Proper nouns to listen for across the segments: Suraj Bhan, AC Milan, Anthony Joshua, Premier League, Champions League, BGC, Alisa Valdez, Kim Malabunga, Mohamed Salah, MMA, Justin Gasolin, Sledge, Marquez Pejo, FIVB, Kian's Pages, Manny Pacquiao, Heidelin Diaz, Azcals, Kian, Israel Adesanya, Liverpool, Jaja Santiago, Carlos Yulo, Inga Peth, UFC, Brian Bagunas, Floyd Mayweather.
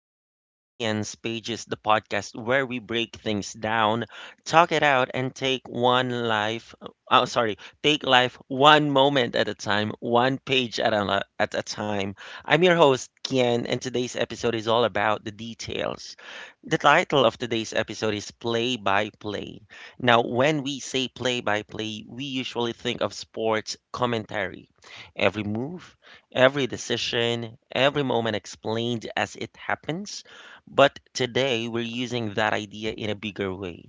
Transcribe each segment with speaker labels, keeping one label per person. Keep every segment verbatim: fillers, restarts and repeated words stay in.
Speaker 1: welcome back to Kian's Pages, the podcast where we break things down, talk it out, and take one life. Oh, sorry, take life one moment at a time, one page at a, li- at a time. I'm your host, Kian, and today's episode is all about the details. The title of today's episode is Play by Play. Now, when we say play by play, we usually think of sports commentary. Every move, every decision, every moment explained as it happens. But today we're using that idea in a bigger way.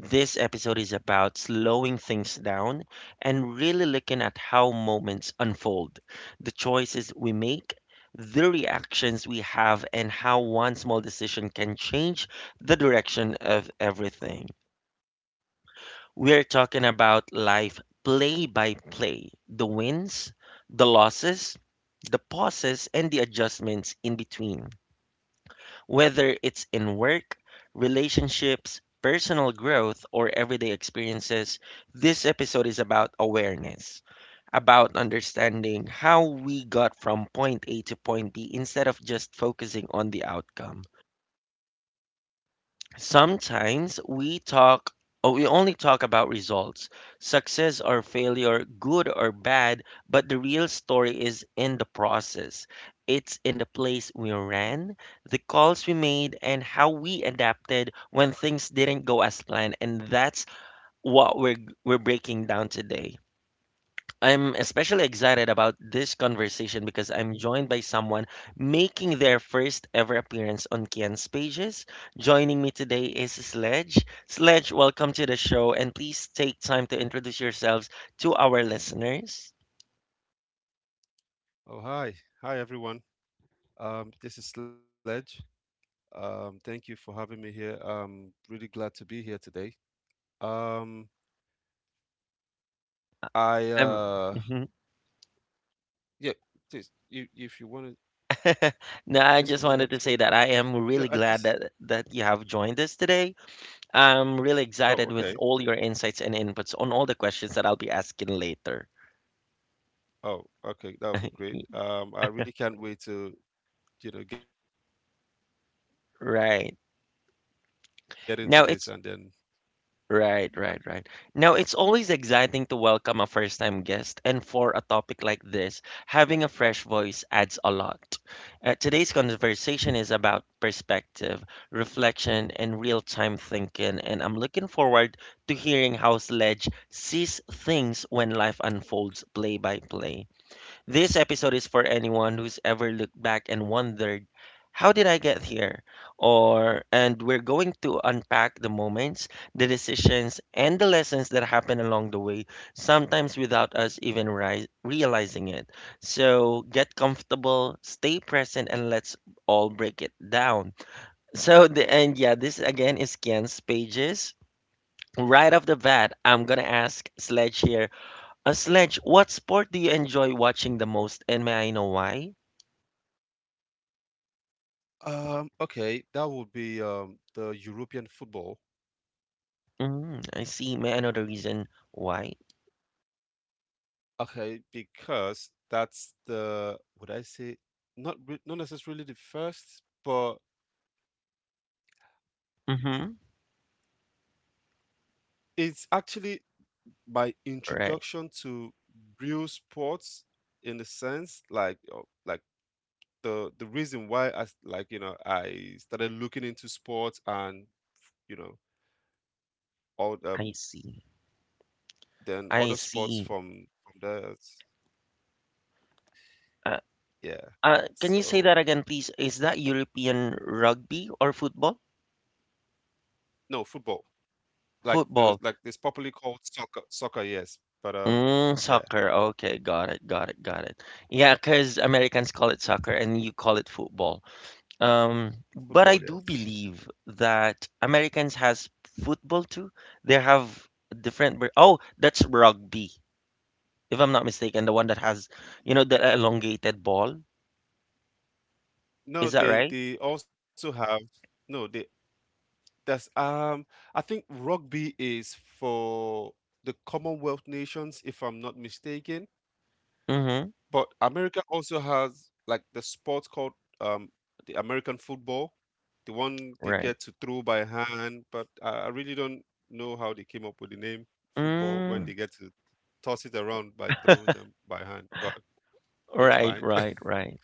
Speaker 1: This episode is about slowing things down and really looking at how moments unfold, the choices we make, the reactions we have, and how one small decision can change the direction of everything. We are talking about life play by play, the wins, the losses, the pauses, and the adjustments in between. Whether it's in work, relationships, personal growth, or everyday experiences, this episode is about awareness, about understanding how we got from point A to point B instead of just focusing on the outcome. Sometimes we talk or we only talk about results, success or failure, good or bad, but the real story is in the process. It's in the place we ran, the calls we made, and how we adapted when things didn't go as planned. And that's what we're we're breaking down today. I'm especially excited about this conversation because I'm joined by someone making their first ever appearance on Kian's pages. Joining me today is Sledge. Sledge, welcome to the show, and please take time to introduce yourselves to our listeners.
Speaker 2: Oh, hi. Hi, everyone. Um, this is Sledge. Um, thank you for having me here. Um, really glad to be here today. Um, I,
Speaker 1: I'm,
Speaker 2: uh,
Speaker 1: Mhm.
Speaker 2: yeah, just, you, if you want to, just
Speaker 1: No,
Speaker 2: something you'd
Speaker 1: I
Speaker 2: like to
Speaker 1: just
Speaker 2: say?
Speaker 1: wanted to say that I
Speaker 2: No,
Speaker 1: am
Speaker 2: I
Speaker 1: really
Speaker 2: just,
Speaker 1: glad that that you have joined us today. I'm really
Speaker 2: oh,
Speaker 1: excited
Speaker 2: okay.
Speaker 1: with all your insights and inputs on all the questions that I'll be asking later.
Speaker 2: Oh, okay. That would be great. Um, I really can't wait to, you know, get into this and then let's
Speaker 1: Right.
Speaker 2: digest all of it.
Speaker 1: Now it's Right, right, right. Now, it's always exciting to welcome a first-time guest, and for a topic like this, having a fresh voice adds a lot. Uh, today's conversation is about perspective, reflection, and real-time thinking, and I'm looking forward to hearing how Sledge sees things when life unfolds play by play. This episode is for anyone who's ever looked back and wondered, how did I get here? Or, and we're going to unpack the moments, the decisions, and the lessons that happen along the way, sometimes without us even ri- realizing it. So get comfortable, stay present, and let's all break it down. So, the, and yeah, this again is Ken's pages. Right off the bat, I'm gonna ask Sledge here a sledge, what sport do you enjoy watching the most, and may I know why?
Speaker 2: Um, okay. That would be, um, the European football.
Speaker 1: Mm, I see. May I know the reason why?
Speaker 2: Okay, because that's the, would I say, not re not necessarily the first, but
Speaker 1: Mm-hmm.
Speaker 2: it's actually my
Speaker 1: Right.
Speaker 2: introduction to real sports in the sense like uh, like the the reason why I s- like you know I started looking into sports and you know all
Speaker 1: I
Speaker 2: um
Speaker 1: see.
Speaker 2: then
Speaker 1: I
Speaker 2: other sports
Speaker 1: see.
Speaker 2: from from that.
Speaker 1: Uh,
Speaker 2: Yeah,
Speaker 1: uh, can you say that
Speaker 2: so
Speaker 1: again, please? Is that European rugby or football?
Speaker 2: no, football. Like the
Speaker 1: Football.
Speaker 2: like It's popularly called soccer soccer yes, but um
Speaker 1: Mm,
Speaker 2: yeah,
Speaker 1: soccer. Okay, got it, got it, got it. Yeah, because Americans call it soccer and you call it football. Um, but
Speaker 2: football,
Speaker 1: I do
Speaker 2: yes.
Speaker 1: believe that Americans has football too. They have different. ver- Oh, that's rugby, if I'm not mistaken. The one that has, you know, the elongated ball.
Speaker 2: No,
Speaker 1: Is that
Speaker 2: they
Speaker 1: right?
Speaker 2: they also have no, they there's um I think rugby is for the Commonwealth nations, if I'm not mistaken.
Speaker 1: Mm-hmm.
Speaker 2: But America also has like the sport called, um the American football, the one they get
Speaker 1: Right.
Speaker 2: to throw by hand, but I, I really don't know how they came up with the name football when they
Speaker 1: Mm,
Speaker 2: get to toss it around by throwing them by hand, but it's
Speaker 1: right,
Speaker 2: fine.
Speaker 1: right, right.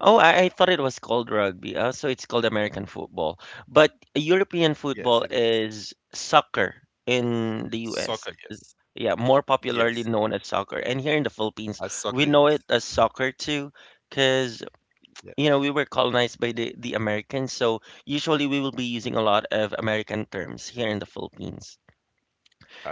Speaker 1: Oh, I, I thought it was called rugby. Uh, so it's called American football. But European
Speaker 2: Yes,
Speaker 1: football
Speaker 2: it is.
Speaker 1: is soccer in the U S.
Speaker 2: Soccer, yes.
Speaker 1: Yeah, more popularly
Speaker 2: Yes.
Speaker 1: known as soccer. And here in the Philippines,
Speaker 2: As
Speaker 1: we
Speaker 2: soccer,
Speaker 1: know it
Speaker 2: yes.
Speaker 1: as soccer too, because
Speaker 2: Yeah,
Speaker 1: you know we were colonized by the the Americans, so usually we will be using a lot of American terms here in the Philippines.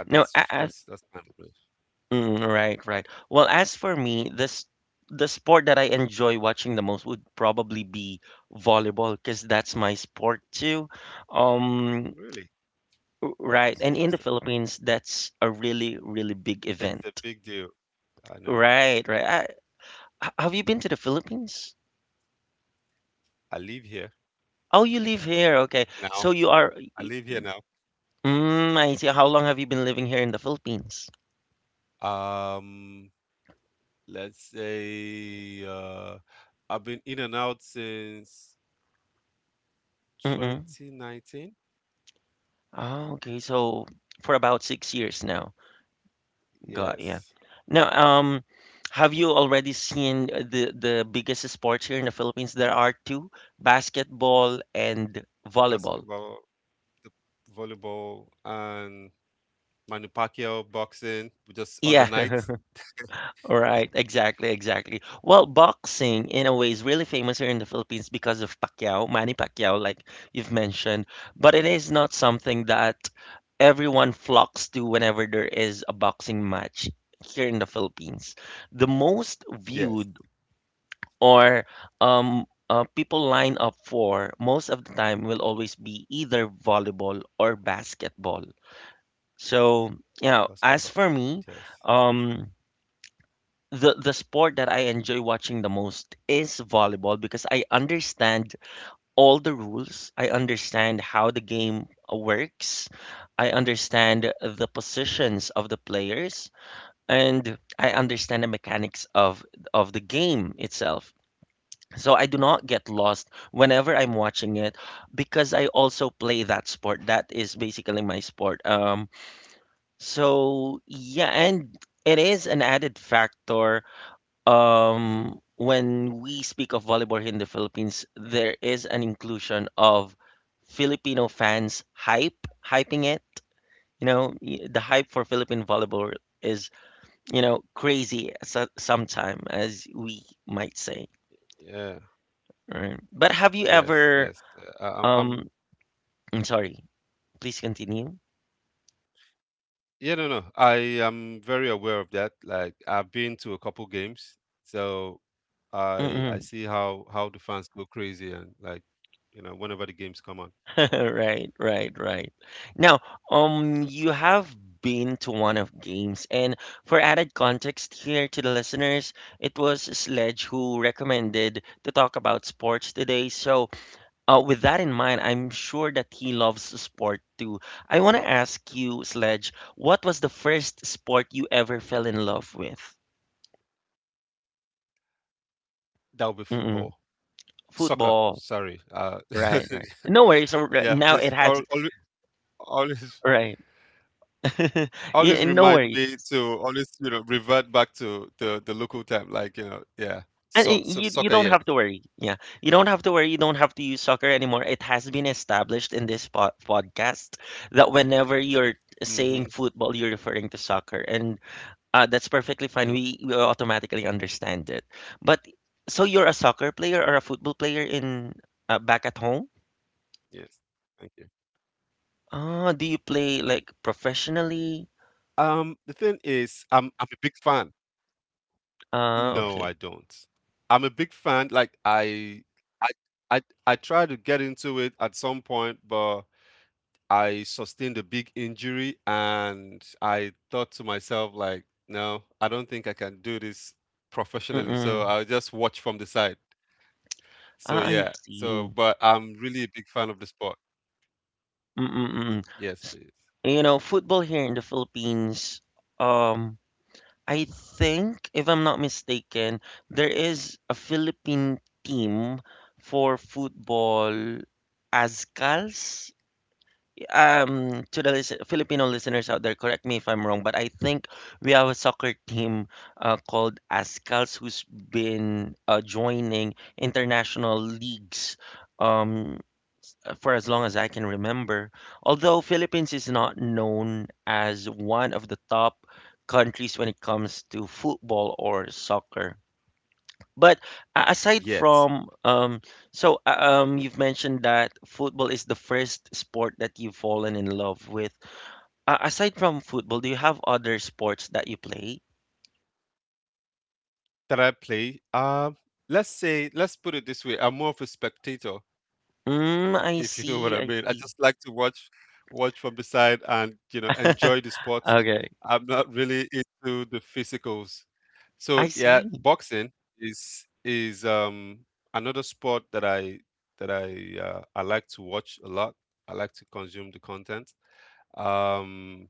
Speaker 2: uh,
Speaker 1: Now, a-
Speaker 2: that's
Speaker 1: a-
Speaker 2: that's that's my belief.
Speaker 1: mm, right, right. Well, as for me, this the sport that I enjoy watching the most would probably be volleyball, because that's my sport too. Um,
Speaker 2: Really,
Speaker 1: r- right, and
Speaker 2: that's
Speaker 1: in the
Speaker 2: interesting.
Speaker 1: Philippines, that's a really, really big
Speaker 2: It's
Speaker 1: event.
Speaker 2: a big deal. I know.
Speaker 1: Right, right. I, H- have you been to the Philippines?
Speaker 2: I live here
Speaker 1: Oh, you live here. Okay.
Speaker 2: now.
Speaker 1: So you are.
Speaker 2: I live here now.
Speaker 1: Mm, I see. How long have you been living here in the Philippines?
Speaker 2: Um, let's say uh, I've been in and out since
Speaker 1: Mm-mm.
Speaker 2: twenty nineteen.
Speaker 1: Oh, okay. So for about six years now. Got yeah.
Speaker 2: Yes,
Speaker 1: Now, um, have you already seen the the biggest sports here in the Philippines? There are two, basketball and volleyball.
Speaker 2: basketball, the volleyball, and manu Pacquiao boxing, just
Speaker 1: Yeah.
Speaker 2: on the night.
Speaker 1: Right, exactly, exactly. Well, boxing in a way is really famous here in the Philippines because of Pacquiao, Manny Pacquiao, like you've mentioned, but it is not something that everyone flocks to whenever there is a boxing match here in the Philippines. The most viewed
Speaker 2: Yes,
Speaker 1: or um uh, people line up for most of the time will always be either volleyball or basketball.
Speaker 2: basketball.
Speaker 1: So, you know,
Speaker 2: Yes.
Speaker 1: as for me, um the the sport that I enjoy watching the most is volleyball because I understand all the rules. I understand how the game uh, works. I understand the positions of the players and I understand the mechanics of of the game itself. So I do not get lost whenever I'm watching it because I also play that sport. That is basically my sport. Um so yeah, and it is an added factor um, when we speak of volleyball here in the Philippines, there is an inclusion of Filipino fans hype, hyping it. You know, y- the hype for Philippine volleyball is, you know, crazy so- sometime, as we might say.
Speaker 2: Yeah.
Speaker 1: Right? But have you
Speaker 2: Yes.
Speaker 1: ever,
Speaker 2: Yes. Uh, I- I'm, I'm.
Speaker 1: um, I'm sorry, please continue.
Speaker 2: Yeah. No. No. I am very aware of that. Like I've been to a couple games, so I I see how how the fans go crazy and like you know whenever the games come on. Oh,
Speaker 1: Right, right, right. Now, um, you have been to one of games, and for added context here to the listeners, it was Sledge who recommended to talk about sports today. So, uh, with that in mind, I'm sure that he loves sport too. I want to ask you, Sledge, what was the first sport you
Speaker 2: yeah.
Speaker 1: ever fell in love with?
Speaker 2: That would be
Speaker 1: Mm-mm.
Speaker 2: football. Soccer,
Speaker 1: Football.
Speaker 2: sorry. Uh,
Speaker 1: Right, right. No worries. So, uh,
Speaker 2: yeah,
Speaker 1: now it
Speaker 2: please
Speaker 1: has,
Speaker 2: al al always,
Speaker 1: right. Yeah,
Speaker 2: always
Speaker 1: no worries.
Speaker 2: remind me to always you know revert back to the the local time like you know
Speaker 1: And
Speaker 2: yeah.
Speaker 1: i- you you
Speaker 2: Soc so
Speaker 1: don't have to
Speaker 2: soccer,
Speaker 1: worry.
Speaker 2: yes.
Speaker 1: Yeah. You don't have to worry. You don't have to use soccer anymore. It has been established in this po- podcast that whenever you're saying
Speaker 2: Mm-hmm.
Speaker 1: football, you're referring to soccer. And uh, that's perfectly fine.
Speaker 2: mm
Speaker 1: We, we automatically understand it. But so you're a soccer player or a football player in uh, back at home?
Speaker 2: yes, thank you.
Speaker 1: Ah, do you play like professionally?
Speaker 2: um the thing is i'm i'm a big fan.
Speaker 1: Ah,
Speaker 2: No, I
Speaker 1: okay.
Speaker 2: don't. I'm a big fan. like i i i, I tried to get into it at some point, but I sustained a big injury and I thought to myself, like, no, I don't think I can do this professionally, so
Speaker 1: Mm-mm.
Speaker 2: I'll just watch from the side. So
Speaker 1: Ah, I
Speaker 2: yeah, so
Speaker 1: see.
Speaker 2: but I'm really a big fan of the sport.
Speaker 1: Mm-mm-mm.
Speaker 2: Yes, please.
Speaker 1: You know, football here in the Philippines, um I think, if I'm not mistaken, there is a Philippine team for football, Azcals. Um, to the listen, Filipino listeners out there, correct me if I'm wrong, but I think we have a soccer team uh, called Azcals who's been uh, joining international leagues. Um, for as long as I can remember. Although Philippines is not known as one of the top countries when it comes to football or soccer. But a- aside
Speaker 2: Yet
Speaker 1: from um, so uh, um, you've mentioned that football is the first sport that you've fallen in love with. Uh, aside from football, do you have other sports that you play?
Speaker 2: that I play, um, let's say, let's put it this way: I'm more of a spectator,
Speaker 1: Mm,
Speaker 2: if you
Speaker 1: I
Speaker 2: know what I
Speaker 1: see,
Speaker 2: mean. I
Speaker 1: I
Speaker 2: just
Speaker 1: see.
Speaker 2: like to watch, watch from the side, and you know, enjoy the sport.
Speaker 1: Okay,
Speaker 2: I'm not really into the physicals. So
Speaker 1: I
Speaker 2: yeah,
Speaker 1: see.
Speaker 2: boxing is is um another sport that I that I uh, I like to watch a lot. I like to consume the content. Um,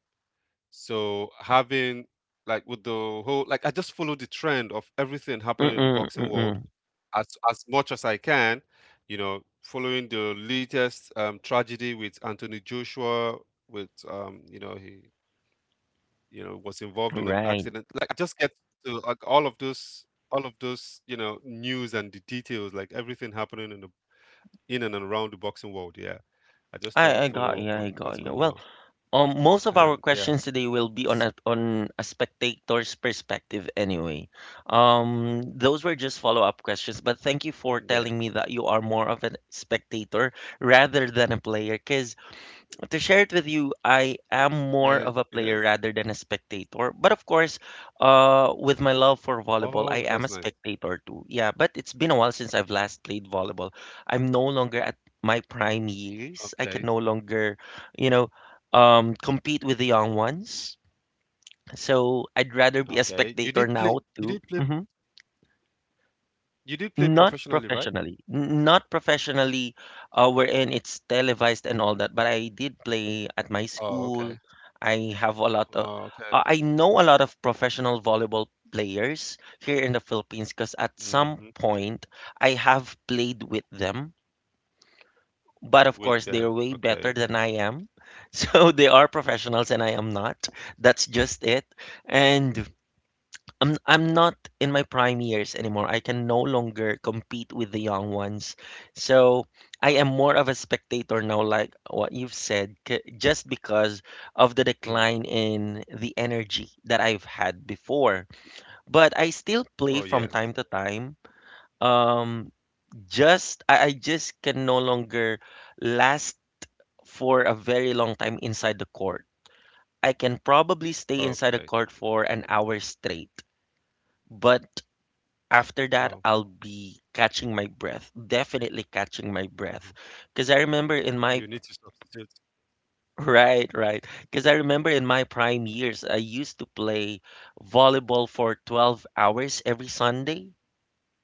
Speaker 2: So having like with the whole like I just follow the trend of everything happening in the
Speaker 1: Mm-mm,
Speaker 2: boxing world
Speaker 1: mm-mm.
Speaker 2: as as much as I can, you know, following the latest, um, tragedy with Anthony Joshua, with, um, you know he, you know was involved in an
Speaker 1: Right.
Speaker 2: accident. Like I just get to like all of those all of those, you know news and the details, like everything happening in the in and around the boxing world. Yeah, I
Speaker 1: I
Speaker 2: just try
Speaker 1: I
Speaker 2: to
Speaker 1: got
Speaker 2: follow
Speaker 1: you.
Speaker 2: up
Speaker 1: I
Speaker 2: on
Speaker 1: got
Speaker 2: what's
Speaker 1: you.
Speaker 2: going
Speaker 1: Well,
Speaker 2: on
Speaker 1: Um, most of our
Speaker 2: and yeah.
Speaker 1: questions today will be on a,
Speaker 2: s-
Speaker 1: on a spectator's perspective anyway. Um, those were just follow-up questions, but thank you for telling
Speaker 2: yeah,
Speaker 1: me that you are more of a spectator rather than a player, because to share it with you, I
Speaker 2: uh,
Speaker 1: am more of
Speaker 2: yeah,
Speaker 1: a player
Speaker 2: yeah.
Speaker 1: rather than a spectator. But of course, uh, with my love for volleyball, I
Speaker 2: Oh,
Speaker 1: am a
Speaker 2: that's nice.
Speaker 1: spectator too. Yeah, but it's been a while since I've last played volleyball. I'm no longer at my prime years. I can no
Speaker 2: Okay.
Speaker 1: longer, you know, um, compete with the young ones. So I'd rather be a
Speaker 2: Okay. You
Speaker 1: spectator
Speaker 2: did
Speaker 1: now
Speaker 2: play you
Speaker 1: too.
Speaker 2: did play
Speaker 1: Mhm.
Speaker 2: you did play
Speaker 1: Not
Speaker 2: professionally, right?
Speaker 1: professionally. N- Not professionally, uh, wherein it's televised and all that, but I did play at my
Speaker 2: Oh,
Speaker 1: school.
Speaker 2: okay.
Speaker 1: I have a lot of,
Speaker 2: Oh,
Speaker 1: uh,
Speaker 2: okay.
Speaker 1: I know a lot of professional volleyball players here in the Philippines because at some
Speaker 2: Hmm.
Speaker 1: point I have played with them,
Speaker 2: With
Speaker 1: but of
Speaker 2: them.
Speaker 1: course they're
Speaker 2: Okay.
Speaker 1: way better than I am. So they are professionals and I am not. That's just it. And I'm I'm not in my prime years anymore. I can no longer compete with the young ones. So I am more of a spectator now, like what you've said, c- just because of
Speaker 2: Mm.
Speaker 1: the decline in the energy that I've had before. But I still
Speaker 2: Oh,
Speaker 1: play
Speaker 2: yes.
Speaker 1: from time to time. Um, just I, I just can no longer last for a very long time inside the court. I can probably stay
Speaker 2: Okay.
Speaker 1: inside the court for an hour straight. But after
Speaker 2: Wow.
Speaker 1: that, I'll be catching my breath, definitely catching my
Speaker 2: Mhm.
Speaker 1: breath. Because I remember in
Speaker 2: You need
Speaker 1: my,
Speaker 2: to substitute.
Speaker 1: right, right. Because I remember in my prime years, I used to play volleyball for twelve hours every Sunday,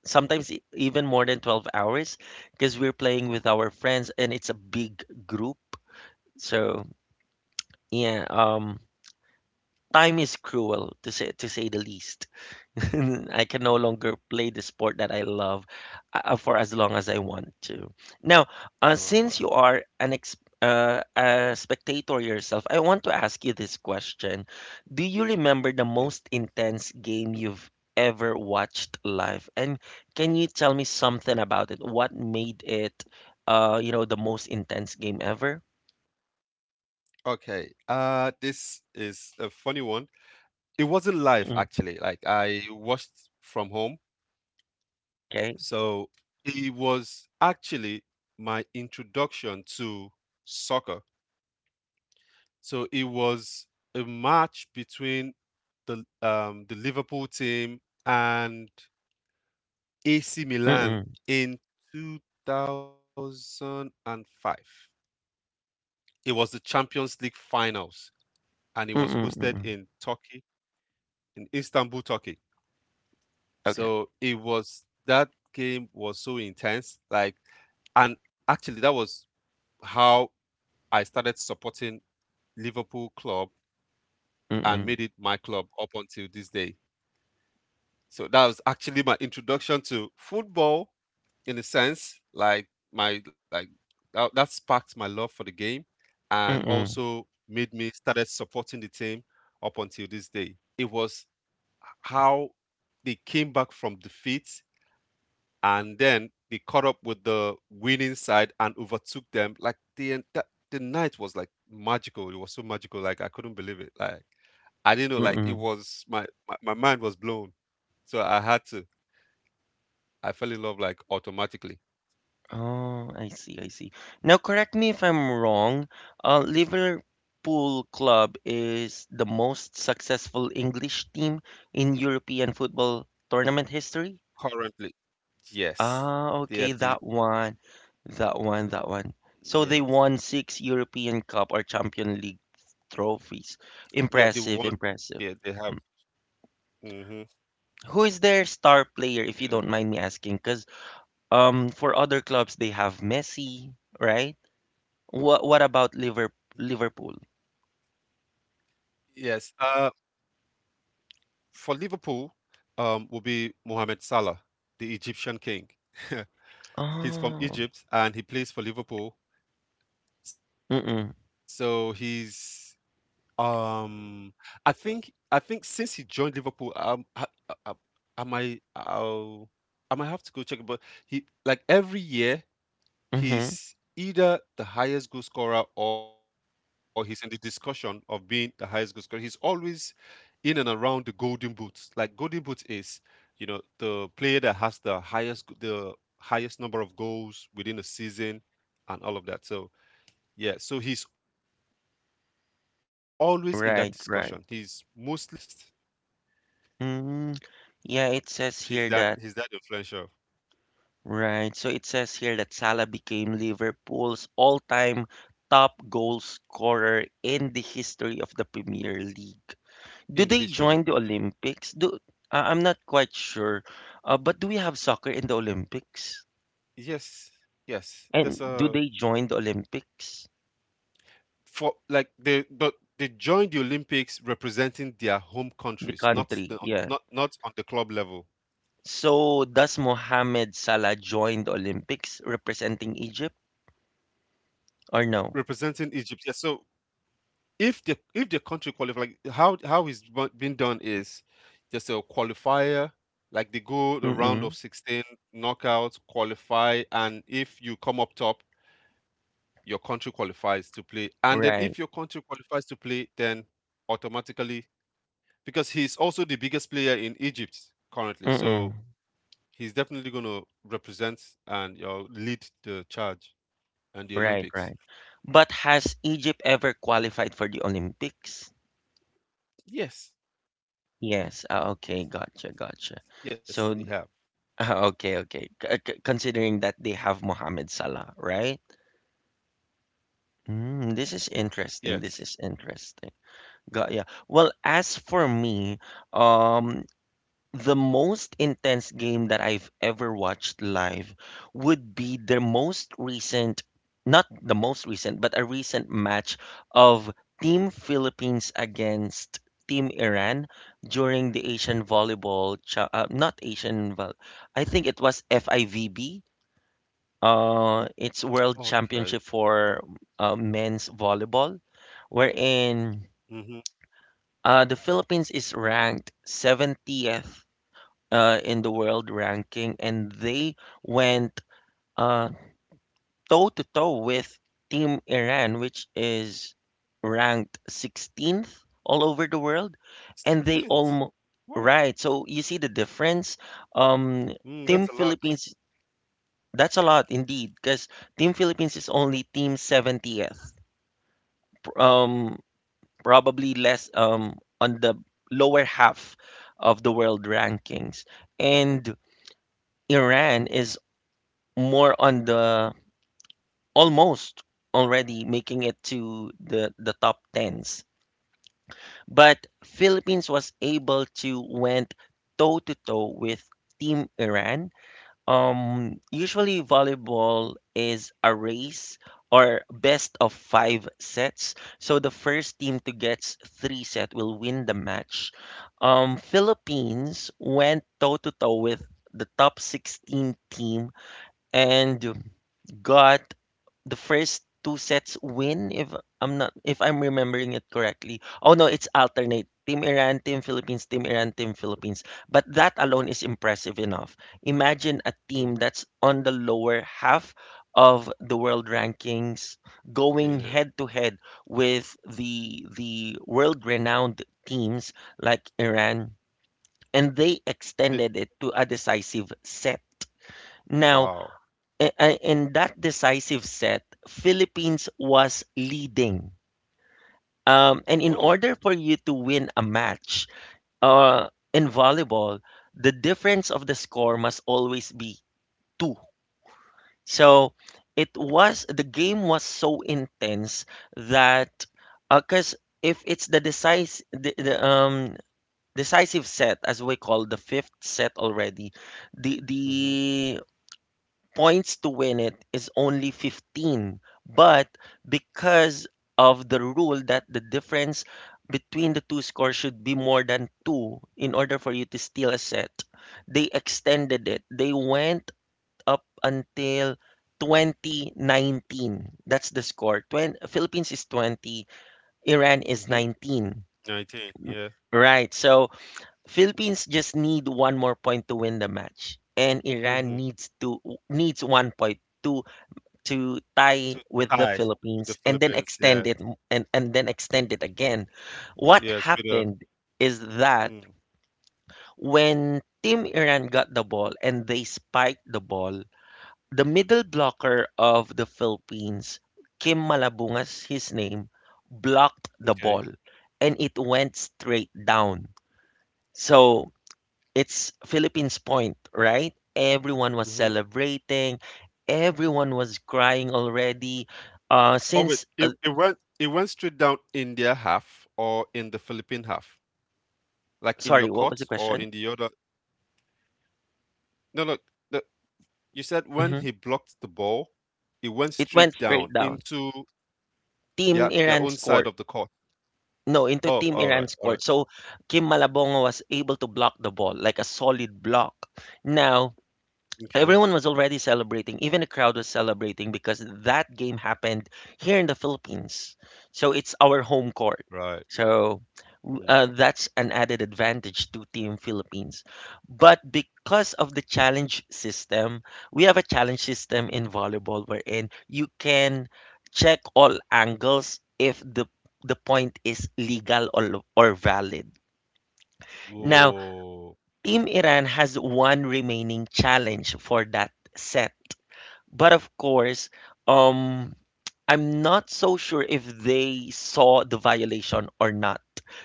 Speaker 1: sometimes e- even more than twelve hours, because we're playing with our friends and it's a big group. So, yeah, um, time is cruel to say to say the least. I can no
Speaker 2: Mm.
Speaker 1: longer play the sport that I love uh, for as long as I want to. Now, uh,
Speaker 2: Wow,
Speaker 1: since
Speaker 2: wow.
Speaker 1: you are an ex uh, a spectator yourself, I want to ask you this question. Do you remember the
Speaker 2: Yes.
Speaker 1: most
Speaker 2: Yes.
Speaker 1: intense game you've ever watched live? And can you tell me something about it? What made it, uh, you know, the most intense game ever?
Speaker 2: Okay. Uh, this is a funny one. It wasn't live
Speaker 1: Mm.
Speaker 2: actually. Like I watched from home.
Speaker 1: Okay.
Speaker 2: So it was actually my introduction to soccer. So it was a match between the um, the Liverpool team and A C Milan
Speaker 1: Mm-mm.
Speaker 2: in two thousand five. It was the Champions League finals, and it was
Speaker 1: Mm-mm.
Speaker 2: hosted in
Speaker 1: Mm-mm.
Speaker 2: Turkey, in Istanbul, Turkey.
Speaker 1: Okay.
Speaker 2: So it was that game was so intense, like, and actually that was how I started supporting Liverpool club and
Speaker 1: Mm-mm.
Speaker 2: made it my club up until this day. So that was actually my introduction to football in a sense, like my like that, that sparked my love for the game and
Speaker 1: Mm-mm.
Speaker 2: also made me started supporting the team up until this day. It was how they came back from defeat and then they caught up with the winning side and overtook them. Like the en- that, the night was like magical. It was so magical. Like I couldn't believe it. Like I didn't know. Like it
Speaker 1: Mm-mm.
Speaker 2: was my my, my mind was blown. So I had to, I fell in love like automatically.
Speaker 1: Oh, I see, I see. Now, correct me if I'm wrong. Uh, Liverpool Club is the most successful English team in European football tournament history.
Speaker 2: Currently,
Speaker 1: Ah, okay, that
Speaker 2: yes,
Speaker 1: one,
Speaker 2: they are
Speaker 1: that
Speaker 2: the
Speaker 1: one, that one. So they won six European Cup or
Speaker 2: yes,
Speaker 1: Champion League trophies. Impressive, impressive. Mm.
Speaker 2: they are the one. They they have.
Speaker 1: Who is their star player, if you
Speaker 2: Hmm,
Speaker 1: don't mind me asking? Because um, for
Speaker 2: yes,
Speaker 1: other clubs, they have Messi, right? What what about Liver Liverpool?
Speaker 2: yes. Uh, for Liverpool, um, will be Mohamed Salah, the Egyptian king.
Speaker 1: Oh,
Speaker 2: He's from Egypt and he plays for Liverpool.
Speaker 1: mm-mm,
Speaker 2: So he's, um, I think I think since he joined Liverpool, um, I, I, I, I might I'll, I might have to go check it, but he, like, every year
Speaker 1: mm-hmm.
Speaker 2: he's either the highest goal scorer or he's in the discussion of being the highest goal scorer. He's always in and around the golden boots. Like golden boots is, you know, the player that has the highest the highest number of goals within a season and all of that. So yeah, so he's always in that discussion. He's mostly
Speaker 1: Right,
Speaker 2: winning
Speaker 1: right.
Speaker 2: it or maybe being second best.
Speaker 1: Mm, yeah, it says here that,
Speaker 2: He's that he's that influential
Speaker 1: right. So it says here that Salah became Liverpool's all-time top goal scorer in the history of the Premier League. Do they
Speaker 2: in the
Speaker 1: join the
Speaker 2: history of the Premier League.
Speaker 1: Olympics? Do I I'm not quite sure. Uh, but do we have soccer in the Olympics?
Speaker 2: Yes, yes. There's
Speaker 1: And do
Speaker 2: a
Speaker 1: they join the Olympics?
Speaker 2: For like they but they joined the Olympics representing their home
Speaker 1: The
Speaker 2: countries, not
Speaker 1: country,
Speaker 2: the, on,
Speaker 1: yeah.
Speaker 2: not not on the club level,
Speaker 1: So does Mohamed Salah join the Olympics representing Egypt or no?
Speaker 2: representing Egypt. Yeah, so if the if the country qualify, like how how it's bu- been done is just a qualifier. Like they go the round of
Speaker 1: Mm-mm.
Speaker 2: sixteen, knockout, qualify, and if you come up top, your country qualifies to play. And then if your
Speaker 1: Right.
Speaker 2: country qualifies to play, then automatically because he's also the biggest player in Egypt currently.
Speaker 1: Mm-mm.
Speaker 2: So he's definitely going to represent and, you know, lead the charge and the
Speaker 1: Right,
Speaker 2: Olympics.
Speaker 1: right. But has Egypt ever qualified for the Olympics?
Speaker 2: Yes,
Speaker 1: Yes. Ah, okay, gotcha,
Speaker 2: yes, they
Speaker 1: gotcha.
Speaker 2: have.
Speaker 1: So d- okay, okay. C- c- considering that they have Mohamed Salah, right? Mm, this is
Speaker 2: Yes.
Speaker 1: interesting. This is interesting. Got yeah. Well, as for me, um, the most intense game that I've ever watched live would be the most recent, not the most recent, but a recent match of Team Philippines against Team Iran during the Asian Volleyball, cha- uh, not Asian, vol- I think it was F I V B. Uh, it's World
Speaker 2: Okay.
Speaker 1: Championship for uh, men's volleyball, wherein
Speaker 2: Mm-hmm.
Speaker 1: uh, the Philippines is ranked seventieth uh, in the world ranking, and they went uh, toe to toe with Team Iran, which is ranked sixteenth all over the world, and they
Speaker 2: sixteenth.
Speaker 1: almost
Speaker 2: Wow.
Speaker 1: right. So you see the difference. Um,
Speaker 2: Mm, that's
Speaker 1: Team
Speaker 2: a lot.
Speaker 1: Philippines, that's a lot indeed, because Team Philippines is only Team seventieth, pr- um, probably less um on the lower half of the world rankings, and Iran is more on the almost already making it to the the top tens, but Philippines was able to went toe to toe with Team Iran. Um, usually volleyball is a race or best of five sets, so the first team to get three set will win the match. Um, Philippines went toe to toe with the top sixteen team and got the first two sets win if I'm not if I'm remembering it correctly. Oh no, it's alternate. Team Iran, Team Philippines, Team Iran, Team Philippines. But that alone is impressive enough. Imagine a
Speaker 2: Mm-hmm.
Speaker 1: team that's on the lower half of the world rankings going
Speaker 2: Yeah.
Speaker 1: head to head with the the world renowned teams like Iran, and they
Speaker 2: The-
Speaker 1: extended it to a decisive set. Now,
Speaker 2: wow.
Speaker 1: a- a- in that decisive set, Philippines was leading. Um, and in
Speaker 2: Whoa.
Speaker 1: order for you to win a match uh, in volleyball, the difference of the score must always be two. So it was the game was so intense that because if it's the decisive the, the um decisive set, as we call the fifth set already, the
Speaker 2: Mm-hmm.
Speaker 1: the points to win it is only fifteen. But because of the rule that the difference between the two scores should be more than two in order for you to steal a set, they extended it. They went up until twenty nineteen. That's the score. twenty, Philippines is twenty, Iran is
Speaker 2: Mm-hmm.
Speaker 1: nineteen.
Speaker 2: nineteen. Yeah.
Speaker 1: Right. So Philippines just need one more point to win the match, and Iran
Speaker 2: Mm-hmm.
Speaker 1: needs to needs one point to to tie
Speaker 2: To
Speaker 1: with the
Speaker 2: tie with the
Speaker 1: Philippines and then
Speaker 2: Philippines.
Speaker 1: extend
Speaker 2: Yes.
Speaker 1: it m- and, and then extend it again. What
Speaker 2: Yes. With a.
Speaker 1: happened is that
Speaker 2: Mm,
Speaker 1: when Team Iran got the ball and they spiked the ball, the middle blocker of the Philippines, Kim Malabungas, his name, blocked the
Speaker 2: okay.
Speaker 1: ball and it went straight down. So it's Philippines Point, right? Everyone was
Speaker 2: Mm-hmm.
Speaker 1: celebrating. Everyone was crying already. Uh,
Speaker 2: Oh, wait.
Speaker 1: since,
Speaker 2: It,
Speaker 1: uh,
Speaker 2: it went. It went straight down in their half or in the Philippine half, like in
Speaker 1: sorry,
Speaker 2: your
Speaker 1: what was
Speaker 2: court
Speaker 1: the
Speaker 2: or
Speaker 1: question?
Speaker 2: in the other No, no. The, you said when
Speaker 1: Hmm.
Speaker 2: he blocked the ball, it went
Speaker 1: It went
Speaker 2: straight down
Speaker 1: straight down.
Speaker 2: into their
Speaker 1: Team
Speaker 2: their
Speaker 1: Iran
Speaker 2: own side
Speaker 1: scored.
Speaker 2: of the court.
Speaker 1: No, into
Speaker 2: Oh,
Speaker 1: Team
Speaker 2: all
Speaker 1: Iran
Speaker 2: right, all
Speaker 1: scored.
Speaker 2: right.
Speaker 1: So Kim Malabongo was able to block the ball like a solid block. Now,
Speaker 2: Okay,
Speaker 1: everyone was already celebrating. Even the crowd was celebrating because that game happened here in the Philippines. So it's our home court.
Speaker 2: right.
Speaker 1: So w-
Speaker 2: Mm.
Speaker 1: uh, that's an added advantage to Team Philippines. But because of the challenge system, we have a challenge system in volleyball wherein you can check all angles if the the point is legal or, or valid. Now,
Speaker 2: Whoa.
Speaker 1: Team Iran has one remaining challenge for that set. But of course, um, I'm not so sure if they saw the violation or not,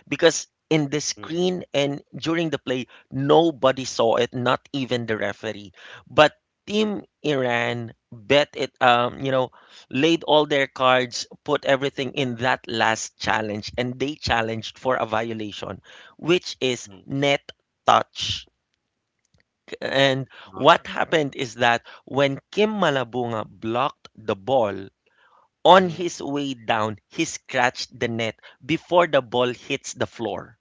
Speaker 1: because in the
Speaker 2: Mm.
Speaker 1: screen and during the play, nobody saw it, not even the referee. But Team Iran bet it, um, you know, laid all their cards, put everything in that last challenge, and they challenged for a violation, which is
Speaker 2: Mm.
Speaker 1: net touch, and
Speaker 2: Wow.
Speaker 1: what happened is that when Kim Malabunga blocked the ball on
Speaker 2: Hmm.
Speaker 1: his way down, he scratched the net before the ball hits the floor.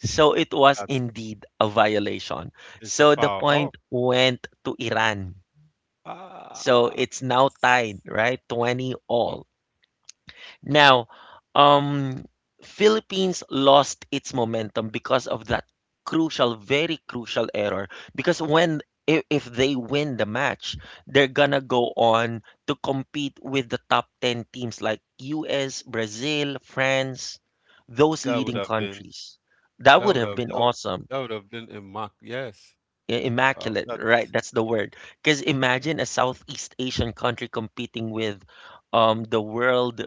Speaker 1: So it was
Speaker 2: That's,
Speaker 1: indeed a violation.
Speaker 2: it's a
Speaker 1: So the
Speaker 2: foul. Oh,
Speaker 1: point went to Iran. So
Speaker 2: ah,
Speaker 1: it's now
Speaker 2: that's
Speaker 1: tied, right? twenty all. Now, um, Philippines lost its momentum because of that crucial, very crucial error. Because when if, if they win the match, they're gonna go on to compete with the top ten teams like U S, Brazil, France, those
Speaker 2: that would
Speaker 1: leading
Speaker 2: have been
Speaker 1: countries. That
Speaker 2: that
Speaker 1: would
Speaker 2: would
Speaker 1: have
Speaker 2: have
Speaker 1: been
Speaker 2: that, would-
Speaker 1: awesome.
Speaker 2: that would have been a mark. Yes.
Speaker 1: I-
Speaker 2: Wow,
Speaker 1: Immaculate, right?
Speaker 2: that's
Speaker 1: That's the word. Because imagine a Southeast Asian country competing with um, the world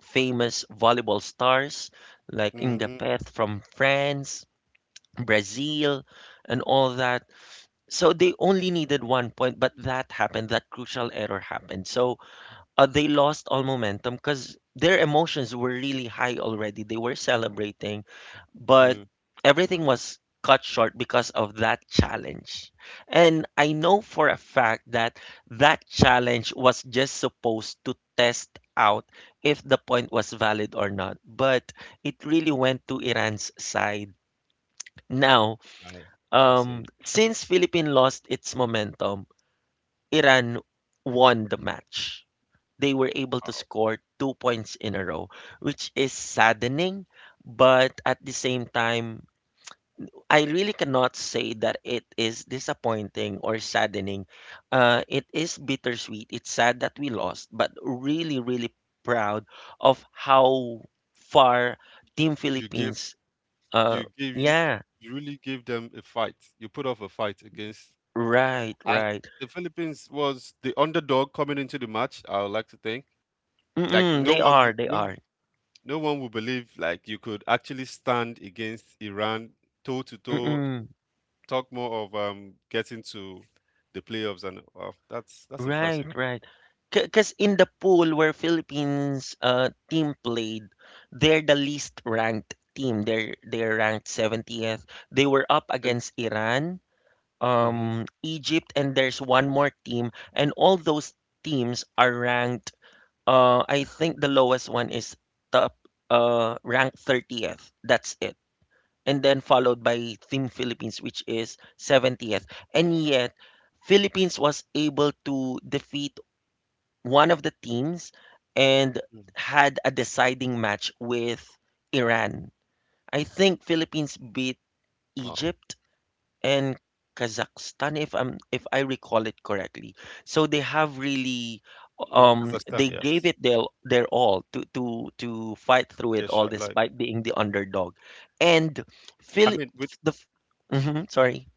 Speaker 1: famous volleyball stars like
Speaker 2: mm
Speaker 1: Inga
Speaker 2: mhm,
Speaker 1: Peth from France, Brazil, and all that. So they only needed one point, but that happened. That crucial error happened. So uh, they lost all momentum because their emotions were really high already. They were celebrating, but
Speaker 2: mm,
Speaker 1: everything was cut short because of that challenge. And I know for a fact that that challenge was just supposed to test out if the point was valid or not, but it really went to Iran's side. Now,
Speaker 2: I I see.
Speaker 1: um, since Philippines lost its momentum, Iran won the match. They were able to
Speaker 2: Wow.
Speaker 1: score two points in a row, which is saddening, but at the same time, I really cannot say that it is disappointing or saddening. Uh, it is bittersweet. It's sad that we lost, but really, really proud of how far Team
Speaker 2: You give
Speaker 1: Philippines. Uh,
Speaker 2: you give you
Speaker 1: yeah,
Speaker 2: you really give them a fight. You put off a fight against
Speaker 1: right,
Speaker 2: and
Speaker 1: right.
Speaker 2: the Philippines was the underdog coming into the match, I would like to think. Like
Speaker 1: Mm-mm,
Speaker 2: no
Speaker 1: they
Speaker 2: one
Speaker 1: are,
Speaker 2: would-
Speaker 1: they
Speaker 2: no
Speaker 1: are.
Speaker 2: no one would believe like you could actually stand against Iran toe to toe.
Speaker 1: Mm-mm,
Speaker 2: Talk more of um getting to the playoffs and wow, that's that's
Speaker 1: right,
Speaker 2: impressive.
Speaker 1: right. Because in the pool where Philippines uh, team played, they're the least ranked team. They're they're ranked seventieth. They were up
Speaker 2: And
Speaker 1: against Iran,
Speaker 2: mm-hmm, mm
Speaker 1: um, Egypt, and there's one more team, and all those teams are ranked. Uh, I think the lowest one is top uh, ranked thirtieth. That's it. And then followed by Team Philippines, which is seventieth. And yet, Philippines was able to defeat one of the teams and
Speaker 2: mhm, mm,
Speaker 1: had a deciding match with Iran. I think Philippines beat
Speaker 2: wow.
Speaker 1: Egypt and Kazakhstan, if I'm if I recall it correctly. So they have really
Speaker 2: Mhm, Kazakhstan,
Speaker 1: um they
Speaker 2: yes.
Speaker 1: gave it their their all to to to fight through
Speaker 2: Yeah,
Speaker 1: it
Speaker 2: sure,
Speaker 1: all
Speaker 2: like
Speaker 1: despite being the underdog. And
Speaker 2: I
Speaker 1: Philip
Speaker 2: mean, with
Speaker 1: the f- Mhm, sorry.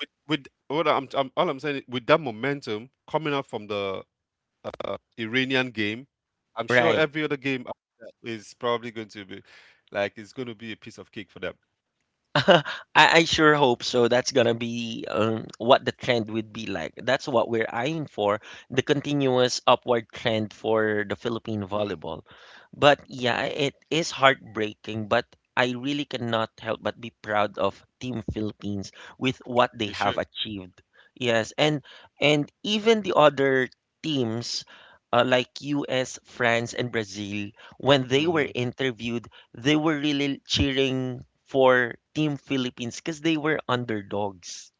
Speaker 2: with with what I'm, I'm all I'm saying is with that momentum coming up from the Iranian game, I'm sure
Speaker 1: Right.
Speaker 2: every other game after that is probably going to be like it's going to be a piece of cake for them.
Speaker 1: I, I sure hope so. That's gonna be um, what the trend would be like. That's what we're eyeing for, the continuous upward trend for the Philippine
Speaker 2: Mm,
Speaker 1: volleyball. But yeah, it is heartbreaking, but I really cannot help but be proud of Team Philippines with what they
Speaker 2: you
Speaker 1: have
Speaker 2: should.
Speaker 1: achieved. Yes, and and even the other teams uh, like U S, France, and Brazil, when they were
Speaker 2: Hmm.
Speaker 1: interviewed they were really cheering for Team Philippines because they were underdogs.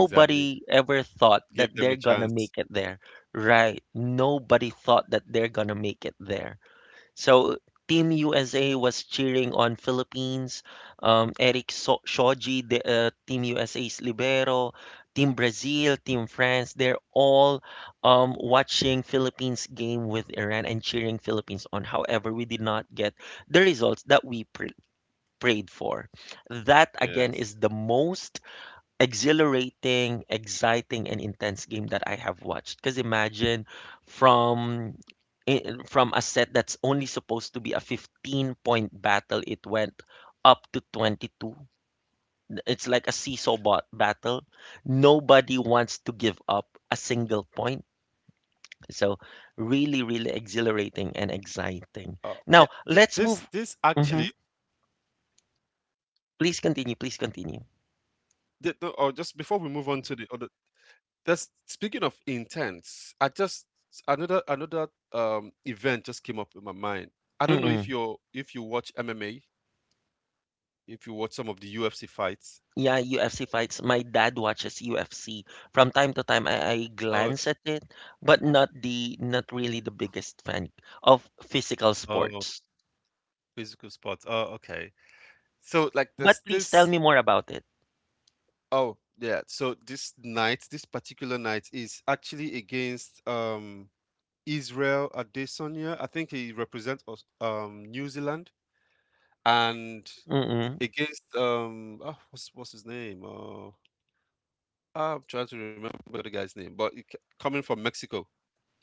Speaker 2: Exactly.
Speaker 1: ever thought that
Speaker 2: Give
Speaker 1: they're
Speaker 2: them a
Speaker 1: gonna make
Speaker 2: chance.
Speaker 1: it there. Right. Nobody thought that they're gonna make it there. So Team U S A was cheering on Philippines. Um, Eric so- Shoji, the uh, Team U S A's libero, Team Brazil, Team France, they're all um, watching Philippines game with Iran and cheering Philippines on. However, we did not get the results that we pr- prayed for. That again is
Speaker 2: Yes.
Speaker 1: the most exhilarating, exciting, and intense game that I have watched. Because imagine from i- from a set that's only supposed to be a fifteen point battle, it went up to twenty-two. It's like a seesaw bot battle. Nobody wants to give up a single point. So really, really
Speaker 2: Uh,
Speaker 1: exhilarating
Speaker 2: yeah.
Speaker 1: and
Speaker 2: Th- this
Speaker 1: exciting.
Speaker 2: this
Speaker 1: Now
Speaker 2: actually.
Speaker 1: let's move. Mhm. Please continue. Please continue.
Speaker 2: Th- no, or just before we move on to the other. That's, speaking of intense. I just, another another, um event just came up in my mind. I don't know if you're
Speaker 1: Mm-mm.
Speaker 2: if you watch M M A. If you watch some of the U F C fights.
Speaker 1: Yeah, U F C fights. My dad watches U F C. From time to time, I, I
Speaker 2: Oh,
Speaker 1: glance at it, but not the not really the biggest fan of physical
Speaker 2: oh,
Speaker 1: sports.
Speaker 2: physical spots. Oh, okay. So like there's
Speaker 1: But please tell
Speaker 2: this,
Speaker 1: me more about it.
Speaker 2: oh yeah. So this night, this particular night is actually against, um Israel Adesanya. I think he represents us- um New Zealand and
Speaker 1: Mm-mm,
Speaker 2: against, um ah what's what's his name? Oh, I'm trying to remember the guy's name, but it, ca- coming from Mexico.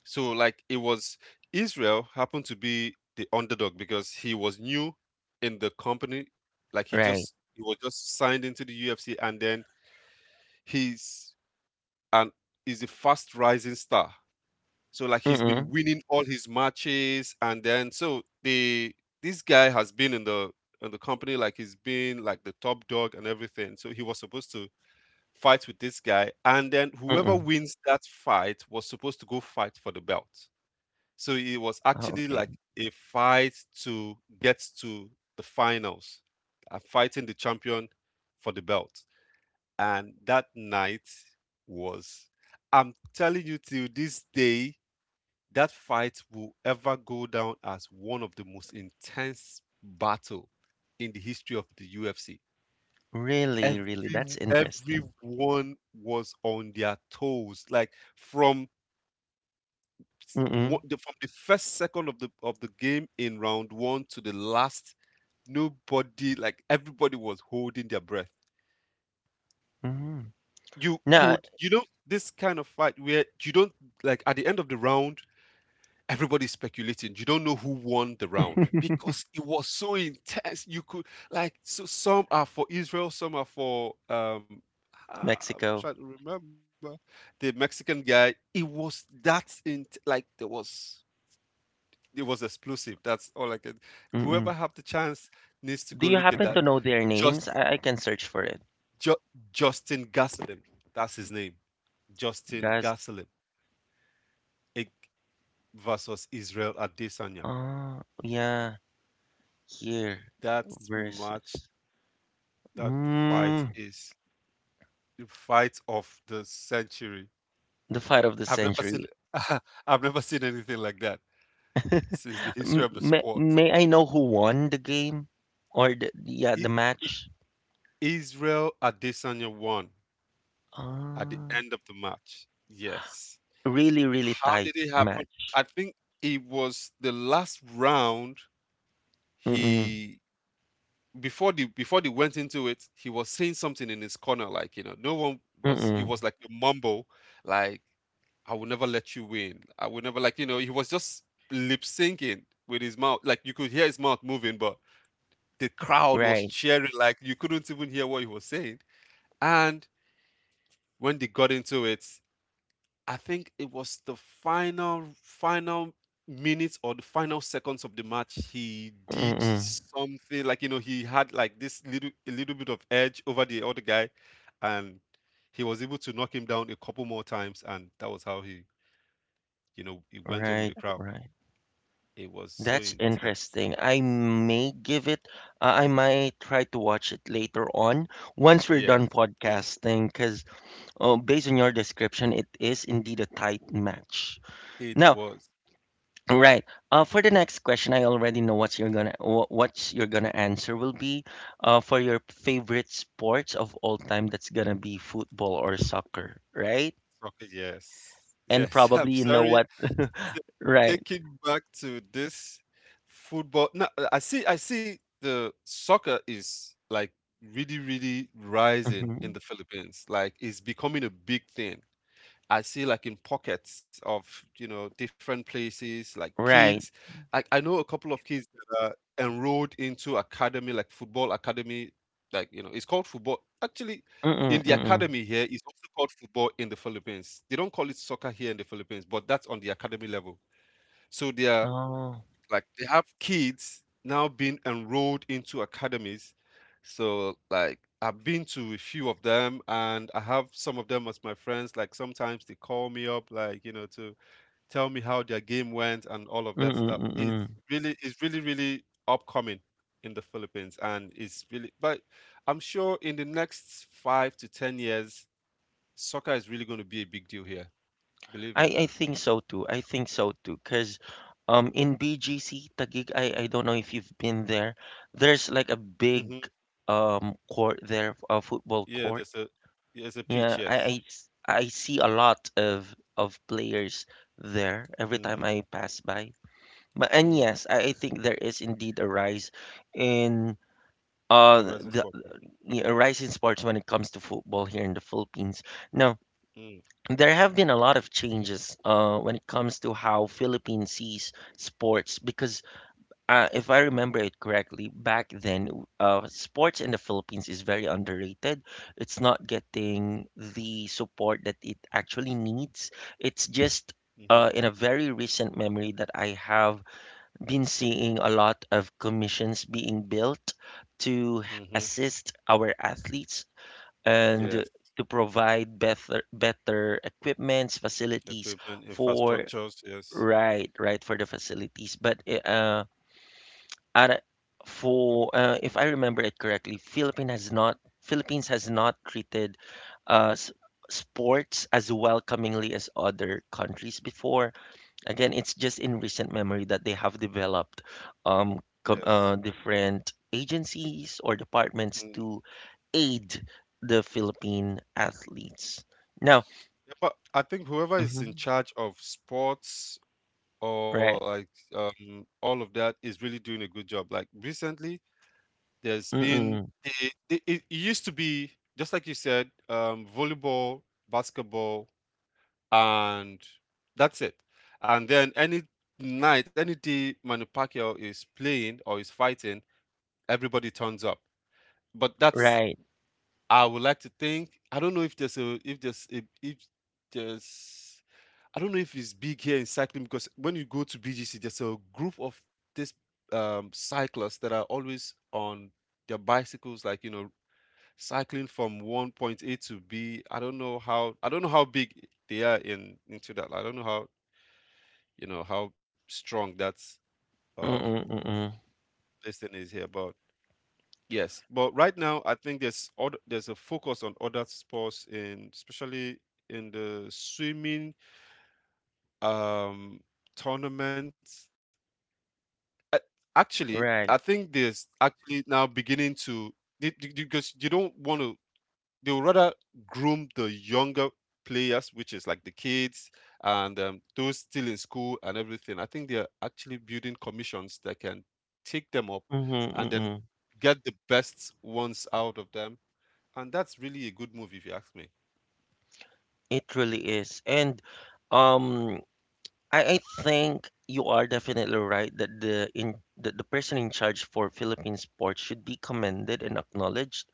Speaker 2: So like it was Israel happened to be the underdog because he was new in the company. Like he
Speaker 1: right.
Speaker 2: just he was just signed into the U F C and then he's and is a fast rising star. So like he's been
Speaker 1: Mm-mm,
Speaker 2: winning all his matches, and then so the this guy has been in the in the company, like he's been like the top dog and everything. So he was supposed to fight with this guy, and then whoever
Speaker 1: mm-mm.
Speaker 2: wins that fight was supposed to go fight for the belt. So it was
Speaker 1: Oh,
Speaker 2: actually
Speaker 1: okay.
Speaker 2: like a fight to get to the finals, uh, fighting the champion for the belt. And that night was, I'm telling you, till this day, that fight will ever go down as one of the most intense battle in the history of the U F C.
Speaker 1: Really,
Speaker 2: Every
Speaker 1: really, that's interesting.
Speaker 2: everyone was on their toes, like from s-
Speaker 1: Mm-mm,
Speaker 2: wo- the, from the first second of the of the game in round one to the last, nobody, like everybody was holding their breath.
Speaker 1: mm-hmm.
Speaker 2: You
Speaker 1: Now,
Speaker 2: could, you know, this kind of fight where you don't, like at the end of the round, everybody's speculating. You don't know who won the round because it was so intense. You could, like so some are for Israel, some are for um ah, I'm
Speaker 1: Mexico.
Speaker 2: trying to remember the Mexican guy. It was that, in like there was, it was explosive. That's all I can.
Speaker 1: Mm-mm.
Speaker 2: Whoever have the chance needs to
Speaker 1: Do
Speaker 2: go
Speaker 1: you
Speaker 2: look at
Speaker 1: happen to
Speaker 2: that.
Speaker 1: know their names?
Speaker 2: Just,
Speaker 1: I, I can search for it.
Speaker 2: Ju- Justin Gasolin. That's his name. Justin
Speaker 1: Guys.
Speaker 2: Gasolin, eh, versus Israel Adesanya.
Speaker 1: Oh, yeah. Here
Speaker 2: That match,
Speaker 1: versus.
Speaker 2: that fight
Speaker 1: Mm.
Speaker 2: is the fight of the century.
Speaker 1: The fight of the
Speaker 2: I've never seen.
Speaker 1: century.
Speaker 2: I've never seen anything like that since the history
Speaker 1: M-
Speaker 2: of the
Speaker 1: may,
Speaker 2: sport.
Speaker 1: may I know who won the game or the yeah the
Speaker 2: I- I-
Speaker 1: match?
Speaker 2: Israel Adesanya won at the
Speaker 1: Ah,
Speaker 2: end of the match. Yes.
Speaker 1: really really
Speaker 2: How
Speaker 1: tight
Speaker 2: did it happen?
Speaker 1: match.
Speaker 2: I think it was the last round,
Speaker 1: Mm-mm,
Speaker 2: he before the before they went into it, he was saying something in his corner, like, you know, no one was, it
Speaker 1: mm-mm,
Speaker 2: was like a mumble, like, I will never let you win. I will never, like, you know, he was just lip syncing with his mouth. Like you could hear his mouth moving, but the crowd was
Speaker 1: right.
Speaker 2: cheering, like you couldn't even hear what he was saying. And when they got into it, I think it was the final final minutes or the final seconds of the match. He did
Speaker 1: Mm-mm,
Speaker 2: something, like you know, he had like this little, a little bit of edge over the other guy, and he was able to knock him down a couple more times, and that was how he, you know, he went on with
Speaker 1: right,
Speaker 2: the crowd.
Speaker 1: right.
Speaker 2: It was so
Speaker 1: That's
Speaker 2: intense.
Speaker 1: interesting. I may give it. Uh, I might try to watch it later on once we're
Speaker 2: Yes.
Speaker 1: done
Speaker 2: Yes,
Speaker 1: podcasting, because uh, based on your description, it is indeed a tight match.
Speaker 2: it
Speaker 1: Now,
Speaker 2: was
Speaker 1: right. Uh, for the next question, I already know what you're gonna wh- what you're gonna answer will be. Uh, for your favorite sports of all time, that's gonna be football or soccer, right?
Speaker 2: soccer. Yes.
Speaker 1: And
Speaker 2: Yes.
Speaker 1: probably
Speaker 2: I'm
Speaker 1: you know
Speaker 2: sorry.
Speaker 1: what,
Speaker 2: t-
Speaker 1: right?
Speaker 2: Taking back to this football. No, I see. I see. The soccer is like really, really rising in
Speaker 1: Hmm.
Speaker 2: the Philippines. Like it's becoming a big thing. I see, like in pockets of, you know, different places, like
Speaker 1: Right.
Speaker 2: kids. I, I know a couple of kids that are enrolled into academy, like football academy. Like, you know, it's called football. Actually,
Speaker 1: Mm-mm,
Speaker 2: in the
Speaker 1: mm-mm.
Speaker 2: academy here, it's also called football in the Philippines. They don't call it soccer here in the Philippines, but that's on the academy level. So they are,
Speaker 1: Oh.
Speaker 2: like they have kids now being enrolled into academies. So like I've been to a few of them, and I have some of them as my friends. Like sometimes they call me up, like, you know, to tell me how their game went and all of that
Speaker 1: Mm-mm,
Speaker 2: stuff. It's
Speaker 1: mm-mm.
Speaker 2: really, it's really, really upcoming in the Philippines, and it's really, but I'm sure in the next five to ten years, soccer is really going to be a big deal here. Believe
Speaker 1: I
Speaker 2: me.
Speaker 1: I think so too. I think so too. Cause um in B G C Taguig, I I don't know if you've been there. There's like a big
Speaker 2: Hmm.
Speaker 1: um court there, a football
Speaker 2: Yeah,
Speaker 1: court.
Speaker 2: there's a, there's a pitch,
Speaker 1: Yeah, I,
Speaker 2: yes.
Speaker 1: I s- I see a lot of of players there every
Speaker 2: Hmm.
Speaker 1: time I pass by. But and
Speaker 2: Mm,
Speaker 1: yes, I, I think there is indeed a rise in
Speaker 2: it's a
Speaker 1: uh
Speaker 2: rising sport.
Speaker 1: the
Speaker 2: Yeah.
Speaker 1: yeah, a rise in sports when it comes to football here in the Philippines. Now,
Speaker 2: Mm,
Speaker 1: there have been a lot of changes uh when it comes to how Philippines sees sports because uh, if I remember it correctly, back then, uh, sports in the Philippines is very underrated. It's not getting the support that it actually needs. It's just
Speaker 2: mm-hmm,
Speaker 1: uh, in a very recent memory that I have been seeing a lot of commissions being built to
Speaker 2: mm-hmm.
Speaker 1: assist our athletes and
Speaker 2: Yes,
Speaker 1: to provide better better equipments, facilities
Speaker 2: equipment,
Speaker 1: for
Speaker 2: infrastructures. Yes,
Speaker 1: right, right for the facilities. But eh, uh, at for uh, if I remember it correctly, Philippines has not Philippines has not treated uh, s- sports as welcomingly as other countries before. Again, it's just in recent memory that they have developed um, com-
Speaker 2: yes.
Speaker 1: uh, different agencies or departments
Speaker 2: Mm.
Speaker 1: to aid the Philippine athletes. Now,
Speaker 2: Yeah, but I think whoever is in
Speaker 1: mhm,
Speaker 2: charge of sports or
Speaker 1: right,
Speaker 2: like, um, all of that is really doing a good job. Like recently, there's been,
Speaker 1: mm-mm,
Speaker 2: it, it, it used to be just like you said, um, volleyball, basketball, and that's it. And then any night, any day, Manny Pacquiao is playing or is fighting, everybody turns up. But that's,
Speaker 1: right,
Speaker 2: I would like to think. I don't know if there's a, if there's a, if there's, I don't know if it's big here in cycling, because when you go to B G C, there's a group of these um, cyclists that are always on their bicycles, like you know, cycling from one point A to B. I don't know how, I don't know how big they are in, into that. I don't know how, you know, how strong that um,
Speaker 1: mm-mm, mm-mm,
Speaker 2: this thing is here, but yes. But right now I think there's other, there's a focus on other sports, in especially in the swimming um tournaments. A- Actually,
Speaker 1: right.
Speaker 2: I think there's actually now beginning to, they- they- because you don't want to, they would rather groom the younger players, which is like the kids and um, those still in school and everything. I think they're actually building commissions that can take them up
Speaker 1: Mm-hmm,
Speaker 2: and then
Speaker 1: mm-mm.
Speaker 2: get the best ones out of them, and that's really a good movie, if you ask me.
Speaker 1: It really is. And um I, I think you are definitely right that the in that the person in charge for Philippine sports should be commended and acknowledged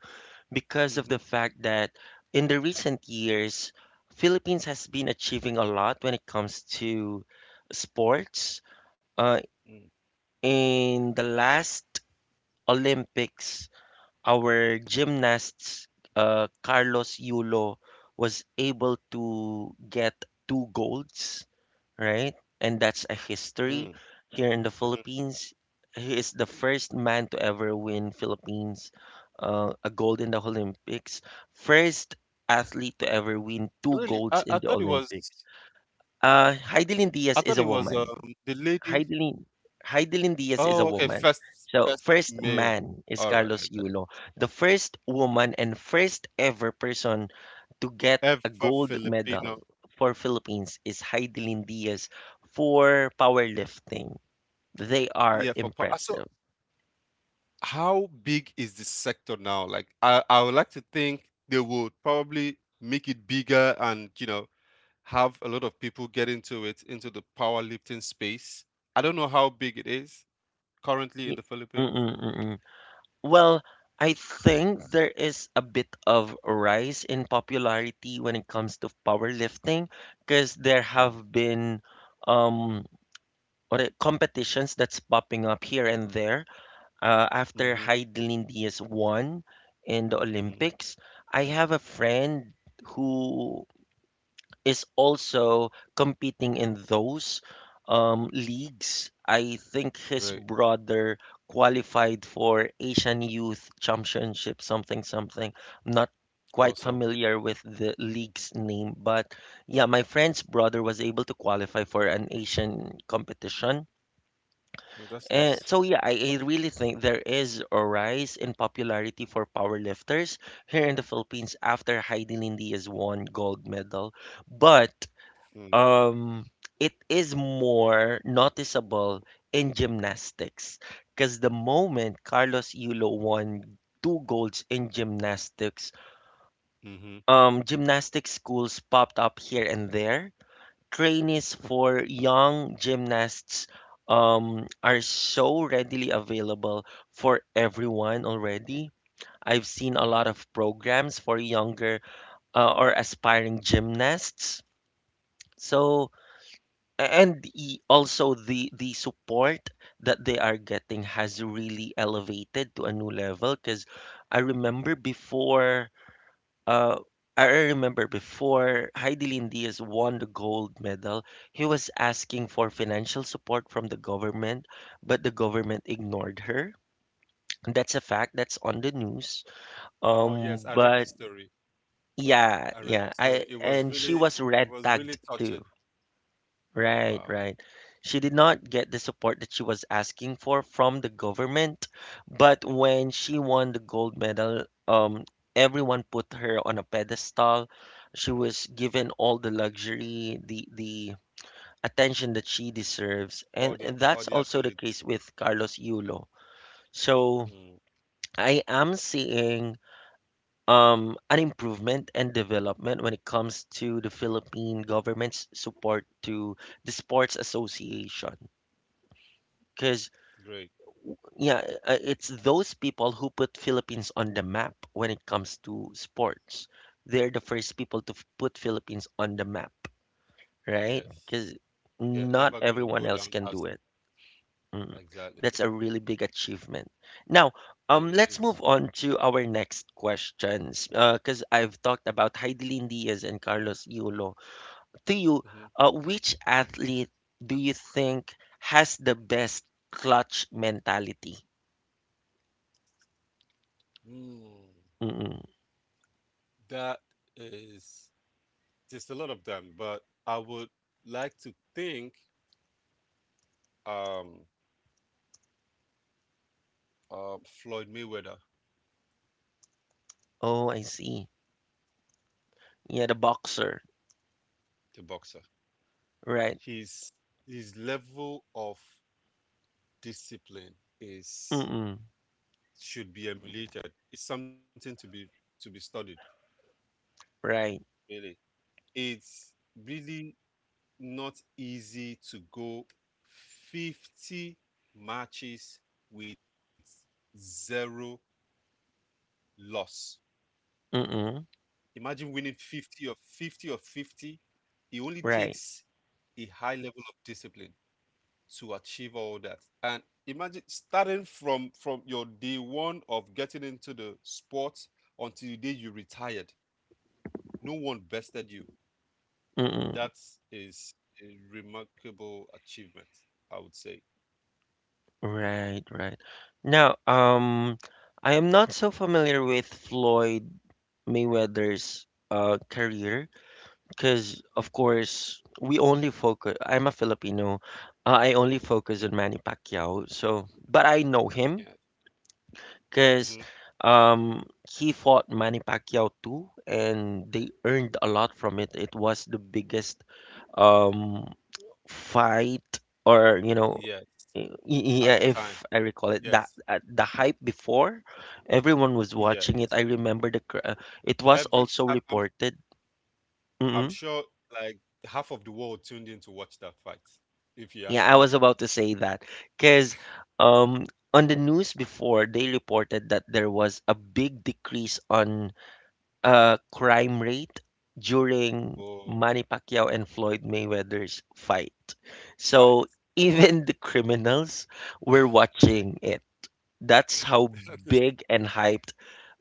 Speaker 1: because of the
Speaker 2: Mm-hmm.
Speaker 1: fact that in the recent years, Philippines has been achieving a lot when it comes to sports. Uh,
Speaker 2: Mm.
Speaker 1: in the last Olympics, our gymnasts, uh, Carlos Yulo, was able to get two golds, right? And that's a
Speaker 2: Mm,
Speaker 1: history here
Speaker 2: mhm.
Speaker 1: in the Philippines. He is the first man to ever win Philippines uh, a gold in the Olympics. First athlete to ever win two
Speaker 2: Really, I,
Speaker 1: golds
Speaker 2: I
Speaker 1: in
Speaker 2: thought
Speaker 1: the
Speaker 2: it was,
Speaker 1: Olympics. Uh, Heidelin Diaz
Speaker 2: I
Speaker 1: is a
Speaker 2: thought it was
Speaker 1: woman.
Speaker 2: um the lady.
Speaker 1: Heidelin Heidelin Diaz
Speaker 2: Oh,
Speaker 1: is a
Speaker 2: okay,
Speaker 1: woman.
Speaker 2: first, first
Speaker 1: So first
Speaker 2: male.
Speaker 1: man is
Speaker 2: All right, I
Speaker 1: Carlos
Speaker 2: got it.
Speaker 1: Yulo, the first woman and first ever person to get a
Speaker 2: Ever
Speaker 1: gold medal
Speaker 2: Filipino.
Speaker 1: for Philippines is Heidelin Diaz for powerlifting. They are
Speaker 2: Yeah, for pa- so
Speaker 1: impressive.
Speaker 2: how big is the sector now? Like, I I would like to think they would probably make it bigger, and you know, have a lot of people get into it, into the powerlifting space. I don't know how big it is currently in
Speaker 1: Y-
Speaker 2: the Philippines.
Speaker 1: mm-mm, mm-mm. Well, I think there is a bit of rise in popularity when it comes to powerlifting because there have been um or uh, competitions that's popping up here and there. Uh, after
Speaker 2: Mm-hmm.
Speaker 1: Heidelin Diaz won in the Olympics, I have a friend who is also competing in those um, leagues. I think his
Speaker 2: Great.
Speaker 1: brother qualified for Asian Youth Championship, something, something. I'm not quite
Speaker 2: Awesome.
Speaker 1: familiar with the league's name, but yeah, my friend's brother was able to qualify for an Asian competition
Speaker 2: Mm, that's
Speaker 1: and
Speaker 2: nice.
Speaker 1: so yeah, I, I really think there is a rise in popularity for powerlifters here in the Philippines after Heidi Lindia's won gold medal. But
Speaker 2: Mm,
Speaker 1: um it is more noticeable in gymnastics because the moment Carlos Yulo won two golds in gymnastics,
Speaker 2: hmm,
Speaker 1: um gymnastics schools popped up here and there, trainees for young gymnasts um, are so readily available for everyone already. I've seen a
Speaker 2: hmm.
Speaker 1: lot of programs for younger uh, or aspiring gymnasts. So a- and the, also the the support that they are getting has really elevated to a new level because I remember before uh, I remember before Heidelin Diaz won the gold medal, he was asking for financial support from the government, but the government ignored her. That's a fact. That's on the news.
Speaker 2: Oh,
Speaker 1: Um,
Speaker 2: yes, I read the
Speaker 1: but
Speaker 2: story.
Speaker 1: yeah,
Speaker 2: I read
Speaker 1: yeah.
Speaker 2: the story.
Speaker 1: I
Speaker 2: It was
Speaker 1: and She
Speaker 2: really,
Speaker 1: was
Speaker 2: it
Speaker 1: red
Speaker 2: was
Speaker 1: tagged
Speaker 2: really
Speaker 1: too.
Speaker 2: touching.
Speaker 1: Right,
Speaker 2: Wow.
Speaker 1: right. She did not get the support that she was asking for from the government, but when she won the gold medal, um, everyone put her on a pedestal. She was given all the luxury, the the attention that she deserves, and,
Speaker 2: All the,
Speaker 1: and that's
Speaker 2: all the
Speaker 1: also the case
Speaker 2: accolades.
Speaker 1: with Carlos Yulo. So
Speaker 2: Mm,
Speaker 1: I am seeing um an improvement and development when it comes to the Philippine government's support to the sports association. Because
Speaker 2: great.
Speaker 1: yeah, uh, it's those people who put Philippines on the map when it comes to sports. They're the first people to f- put Philippines on the map, right?
Speaker 2: Yes.
Speaker 1: Because
Speaker 2: They're
Speaker 1: not
Speaker 2: ever going to
Speaker 1: everyone
Speaker 2: go
Speaker 1: else can
Speaker 2: down
Speaker 1: do it.
Speaker 2: as,
Speaker 1: Mm. That's
Speaker 2: exactly.
Speaker 1: a really big achievement. Now,
Speaker 2: There
Speaker 1: um,
Speaker 2: it
Speaker 1: let's move
Speaker 2: is.
Speaker 1: on to our next questions. Because I've talked about Heidelin Diaz and Carlos Iulo. To you,
Speaker 2: Mm-hmm.
Speaker 1: uh, which athlete do you think has the best clutch mentality?
Speaker 2: Mm, that is, just a lot of them, but I would like to think um, uh, Floyd Mayweather,
Speaker 1: Oh, I see. Yeah, the boxer.
Speaker 2: the boxer,
Speaker 1: Right.
Speaker 2: his his level of discipline
Speaker 1: Mm-mm.
Speaker 2: is, should be emulated. It's something to be, to be studied.
Speaker 1: Right.
Speaker 2: Really? It's really not easy to go fifty matches with zero loss.
Speaker 1: Mm-mm.
Speaker 2: Imagine winning fifty or fifty or fifty. It only
Speaker 1: Right.
Speaker 2: takes a high level of discipline to achieve all that. And imagine starting from from your day one of getting into the sport until the day you retired. No one bested you.
Speaker 1: Mm-mm.
Speaker 2: That is a remarkable achievement, I would say.
Speaker 1: Right, right. Now, um, I am not so familiar with Floyd Mayweather's uh career because, of course, we only focus. I'm a Filipino. Uh, I only focus
Speaker 2: Mm,
Speaker 1: on Manny Pacquiao. So, but I know him
Speaker 2: yeah.
Speaker 1: because
Speaker 2: Hmm.
Speaker 1: um he fought Manny Pacquiao too, and they earned a lot from it. It was the biggest um fight or you know
Speaker 2: Yes.
Speaker 1: y- y- yeah
Speaker 2: At the
Speaker 1: if
Speaker 2: time.
Speaker 1: I recall it that
Speaker 2: Yes.
Speaker 1: uh, the hype before everyone was watching it. I
Speaker 2: Yes.
Speaker 1: remember the cr- uh, it was
Speaker 2: Every,
Speaker 1: also
Speaker 2: I, I'm
Speaker 1: reported. Mm,
Speaker 2: I'm sure like half of the world tuned in to watch that fight. If you
Speaker 1: yeah, I
Speaker 2: ask
Speaker 1: was
Speaker 2: me,
Speaker 1: about to say that because um on the news before they reported that there was a big decrease on uh, crime rate during
Speaker 2: oh,
Speaker 1: Manny Pacquiao and Floyd Mayweather's fight.
Speaker 2: fight.
Speaker 1: So even the criminals were watching it. That's how big and hyped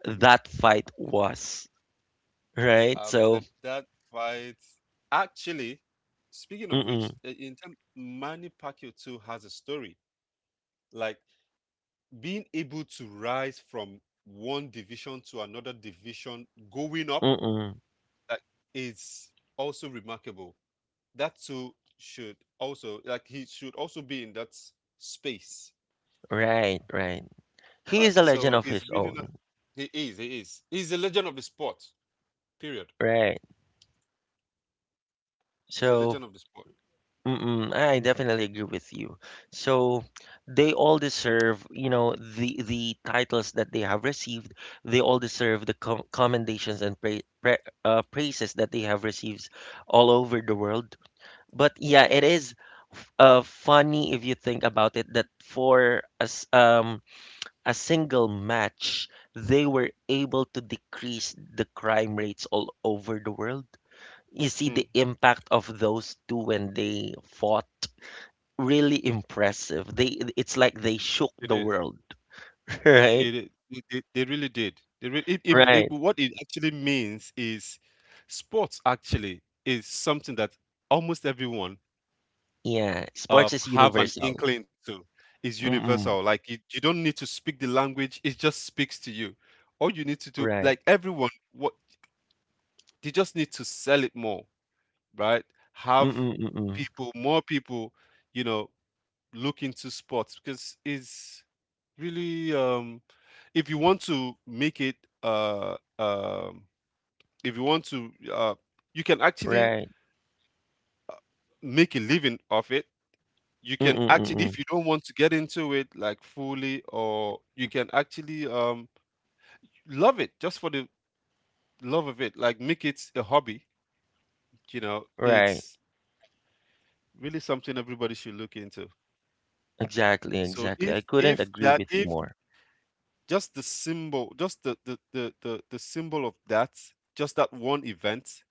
Speaker 1: that fight was, right?
Speaker 2: Um,
Speaker 1: So,
Speaker 2: tell that fight. Actually, speaking of which,
Speaker 1: mm-mm,
Speaker 2: uh, in terms, Manny Pacquiao too has a story. Like being able to rise from one division to another division, going up,
Speaker 1: mm-mm,
Speaker 2: like, is also remarkable. That too should also, like he should also be in that space,
Speaker 1: right, right. He
Speaker 2: right?
Speaker 1: is a legend
Speaker 2: So
Speaker 1: of his
Speaker 2: he's really not.
Speaker 1: own,
Speaker 2: He is. He is. He's a legend of the sport. Period.
Speaker 1: right?
Speaker 2: He's a
Speaker 1: So,
Speaker 2: legend of the sport.
Speaker 1: mm-mm, I definitely agree with you. So they all deserve, you know, the the titles that they have received. They all deserve the com commendations and pra pra uh, praises that they have received all over the world. But yeah, it is f- uh, funny if you think about it that for as um a single match, they were able to decrease the crime rates all over the world. You see
Speaker 2: Mm,
Speaker 1: the impact of those two when they fought. Really impressive. They it's like they shook
Speaker 2: it
Speaker 1: the
Speaker 2: is.
Speaker 1: world, right?
Speaker 2: It, it, it, it- they really did. They re- it, it, it,
Speaker 1: Right.
Speaker 2: what it actually means is sports actually is something that almost everyone
Speaker 1: Yeah, sports
Speaker 2: um,
Speaker 1: is
Speaker 2: have an
Speaker 1: universal.
Speaker 2: inkling to, is universal.
Speaker 1: Mm-mm.
Speaker 2: Like you, you don't need to speak the language; it just speaks to you. All you need to do,
Speaker 1: Right.
Speaker 2: like everyone, what they just need to, sell it more, right? Have
Speaker 1: Mm-mm, mm-mm.
Speaker 2: people, more people, you know, look into sports because it's really, um, if you want to make it, uh, um, if you want to, uh, you can actually
Speaker 1: Right.
Speaker 2: make a living off it. You can
Speaker 1: Mm-mm,
Speaker 2: actually, if
Speaker 1: mm-mm.
Speaker 2: you don't want to get into it like fully, or you can actually um love it just for the love of it, like make it a hobby, you know.
Speaker 1: Right.
Speaker 2: It's really something everybody should look into.
Speaker 1: Exactly,
Speaker 2: So
Speaker 1: exactly.
Speaker 2: if
Speaker 1: I couldn't
Speaker 2: if
Speaker 1: agree
Speaker 2: that,
Speaker 1: with you
Speaker 2: if
Speaker 1: more.
Speaker 2: just the symbol, just the, the the the, the symbol of that, just that one event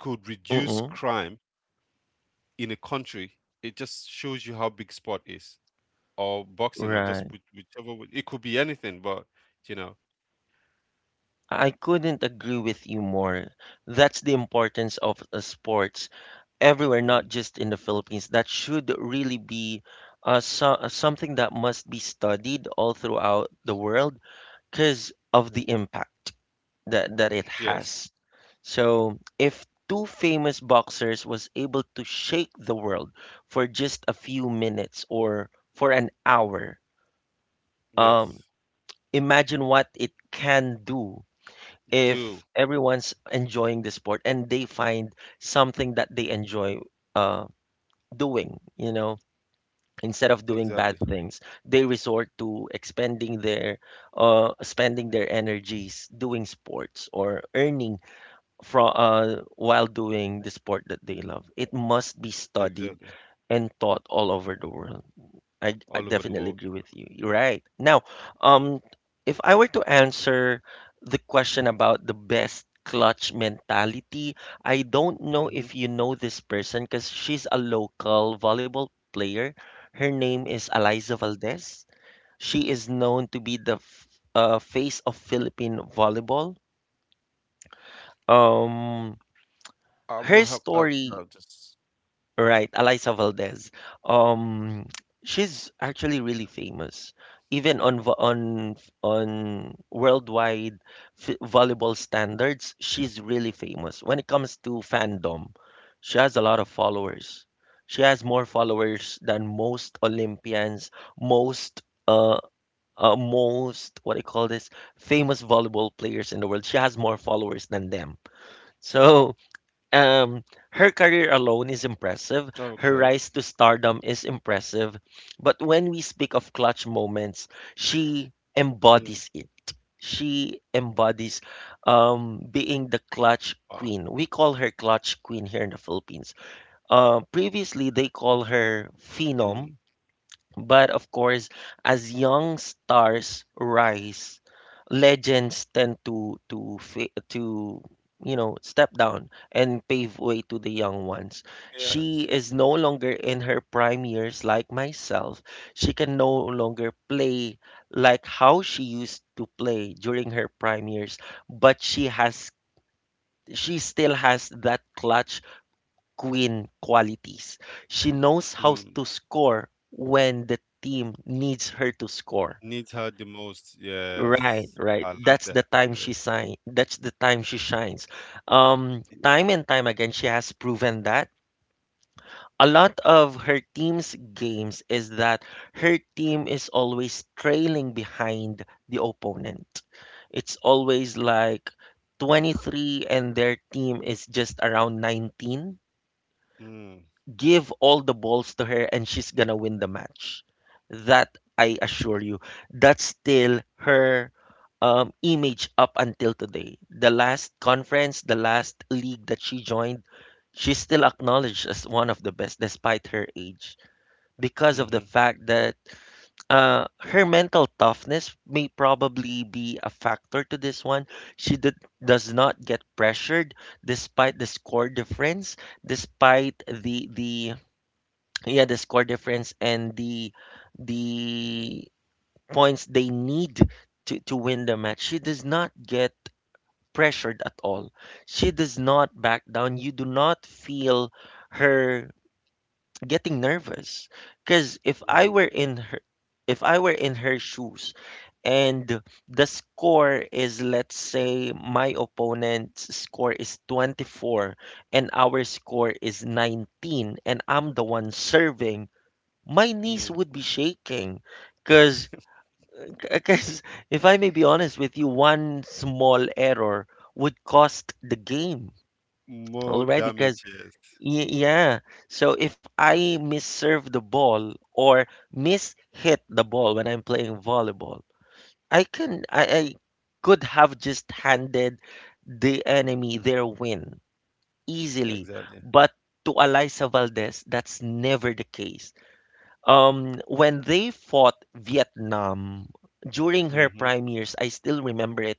Speaker 2: could reduce
Speaker 1: Mm-mm.
Speaker 2: crime in a country, it just shows you how big sport is, or boxing, or just
Speaker 1: Right.
Speaker 2: which- whichever, it could be anything, but you know.
Speaker 1: I couldn't agree with you more. That's the importance of uh, sports everywhere,
Speaker 2: Mm.
Speaker 1: not just in the Philippines. That should really be uh, so, uh, something that must be studied all throughout the world because of the impact that, that it
Speaker 2: Yes,
Speaker 1: has. So if two famous boxers was able to shake the world for just a few minutes or for an hour, um,
Speaker 2: yes.
Speaker 1: imagine what it can do if
Speaker 2: Do,
Speaker 1: everyone's enjoying the sport and they find something that they enjoy uh, doing, you know. Instead of
Speaker 2: exactly,
Speaker 1: doing bad things they resort to expending their uh spending their energies doing sports or earning from uh while doing the sport that they love, it must be studied
Speaker 2: exactly.
Speaker 1: and taught all over the world. I
Speaker 2: All
Speaker 1: I
Speaker 2: over the
Speaker 1: definitely
Speaker 2: world.
Speaker 1: agree with you. You're right. Now, um, if I were to answer the question about the best clutch mentality, I don't know
Speaker 2: Hmm.
Speaker 1: if you know this person because she's a local volleyball player. Her name is Eliza Valdez. She is known to be the f- uh, face of Philippine volleyball. Um,
Speaker 2: I will
Speaker 1: her
Speaker 2: help out. No,
Speaker 1: story
Speaker 2: just,
Speaker 1: Right, Alisa Valdez. Um, she's actually really famous, even on vo- on on worldwide f volleyball standards. She's really famous when it comes to fandom. She has a lot of followers. She has more followers than most Olympians, most uh, uh most what do you call this? Famous volleyball players in the world. She has more followers than them. So um her career alone is impressive,
Speaker 2: okay.
Speaker 1: her rise to stardom is impressive, but when we speak of clutch moments she
Speaker 2: Mm,
Speaker 1: embodies it, she embodies um being the
Speaker 2: wow.
Speaker 1: clutch queen, we call her clutch queen here in the Philippines. Uh previously they call her
Speaker 2: Mm,
Speaker 1: phenom, but of course, as young stars rise, legends tend to to fa- to you know step down and pave way to the young ones.
Speaker 2: yes.
Speaker 1: She is no longer in her prime years like myself. She can no longer play like how she used to play during her prime years, but she has she still has that clutch queen qualities. She knows how
Speaker 2: Mm.
Speaker 1: to score when the team needs her to score.
Speaker 2: Need her the most.
Speaker 1: Right,
Speaker 2: Yes,
Speaker 1: right.
Speaker 2: I like
Speaker 1: That's
Speaker 2: that.
Speaker 1: the time she
Speaker 2: Yes.
Speaker 1: shine. That's the time she shines. Um,
Speaker 2: Yeah.
Speaker 1: time and time again, she has proven that. A lot of her team's games is that her team is always trailing behind the opponent. It's always like twenty three and their team is just around nineteen.
Speaker 2: Mm,
Speaker 1: Give all the balls to her and she's gonna win the match. That I assure you, that's still her um, image up until today. The last conference, the last league that she joined, she's still acknowledged as one of the best despite her age because of the
Speaker 2: hmm.
Speaker 1: fact that uh, her mental toughness may probably be a factor to this one. She did, does not get pressured despite the score difference, despite the the, yeah, the score difference and the the points they need to, to win the match. She does not get pressured at all. She does not back down. You do not feel her getting nervous, because if I
Speaker 2: No.
Speaker 1: were in her if I were in her shoes, and the score is, let's say, my opponent's score is twenty four and our score is nineteen, and I'm the one serving, my knees
Speaker 2: Mm.
Speaker 1: would be shaking, because because if I may be honest with you, one small error would cost the game
Speaker 2: More
Speaker 1: already, because
Speaker 2: damages.
Speaker 1: yeah. So if I misserve the ball or miss hit the ball when I'm playing volleyball, I can I, I could have just handed the enemy their win easily.
Speaker 2: Exactly.
Speaker 1: But to Alisa Valdez, that's never the case. Um, when they fought Vietnam during her
Speaker 2: Mm-hmm.
Speaker 1: prime years, I still remember it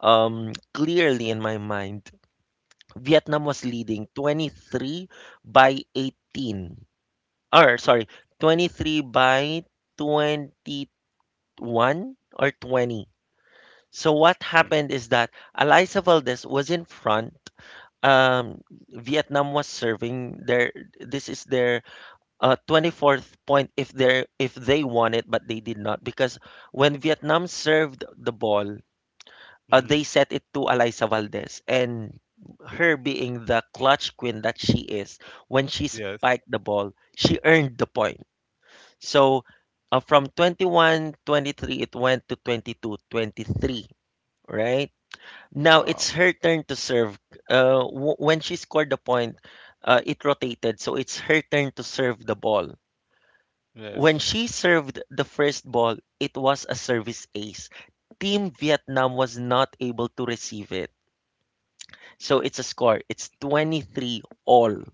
Speaker 1: um, clearly in my mind. Vietnam was leading twenty three by eighteen, or sorry, twenty three by twenty one or twenty. So what
Speaker 2: Mm,
Speaker 1: happened is that Eliza Valdez was in front. Um, Vietnam was serving their. This is their uh, twenty fourth point if they if they won it, but they did not, because when Vietnam served the ball, uh, they
Speaker 2: hmm.
Speaker 1: set it to Alisa Valdez, and her being the clutch queen that she is, when she
Speaker 2: Yes.
Speaker 1: spiked the ball, she earned the point. So uh, from twenty one twenty three it went to twenty two twenty three. Right, now it's
Speaker 2: Wow.
Speaker 1: her turn to serve. Uh, w- when she scored the point, uh, it rotated, so it's her turn to serve the ball. When
Speaker 2: Yes.
Speaker 1: she served the first ball, it was a service ace. Team Vietnam was not able to receive it. So it's a score. It's twenty three all.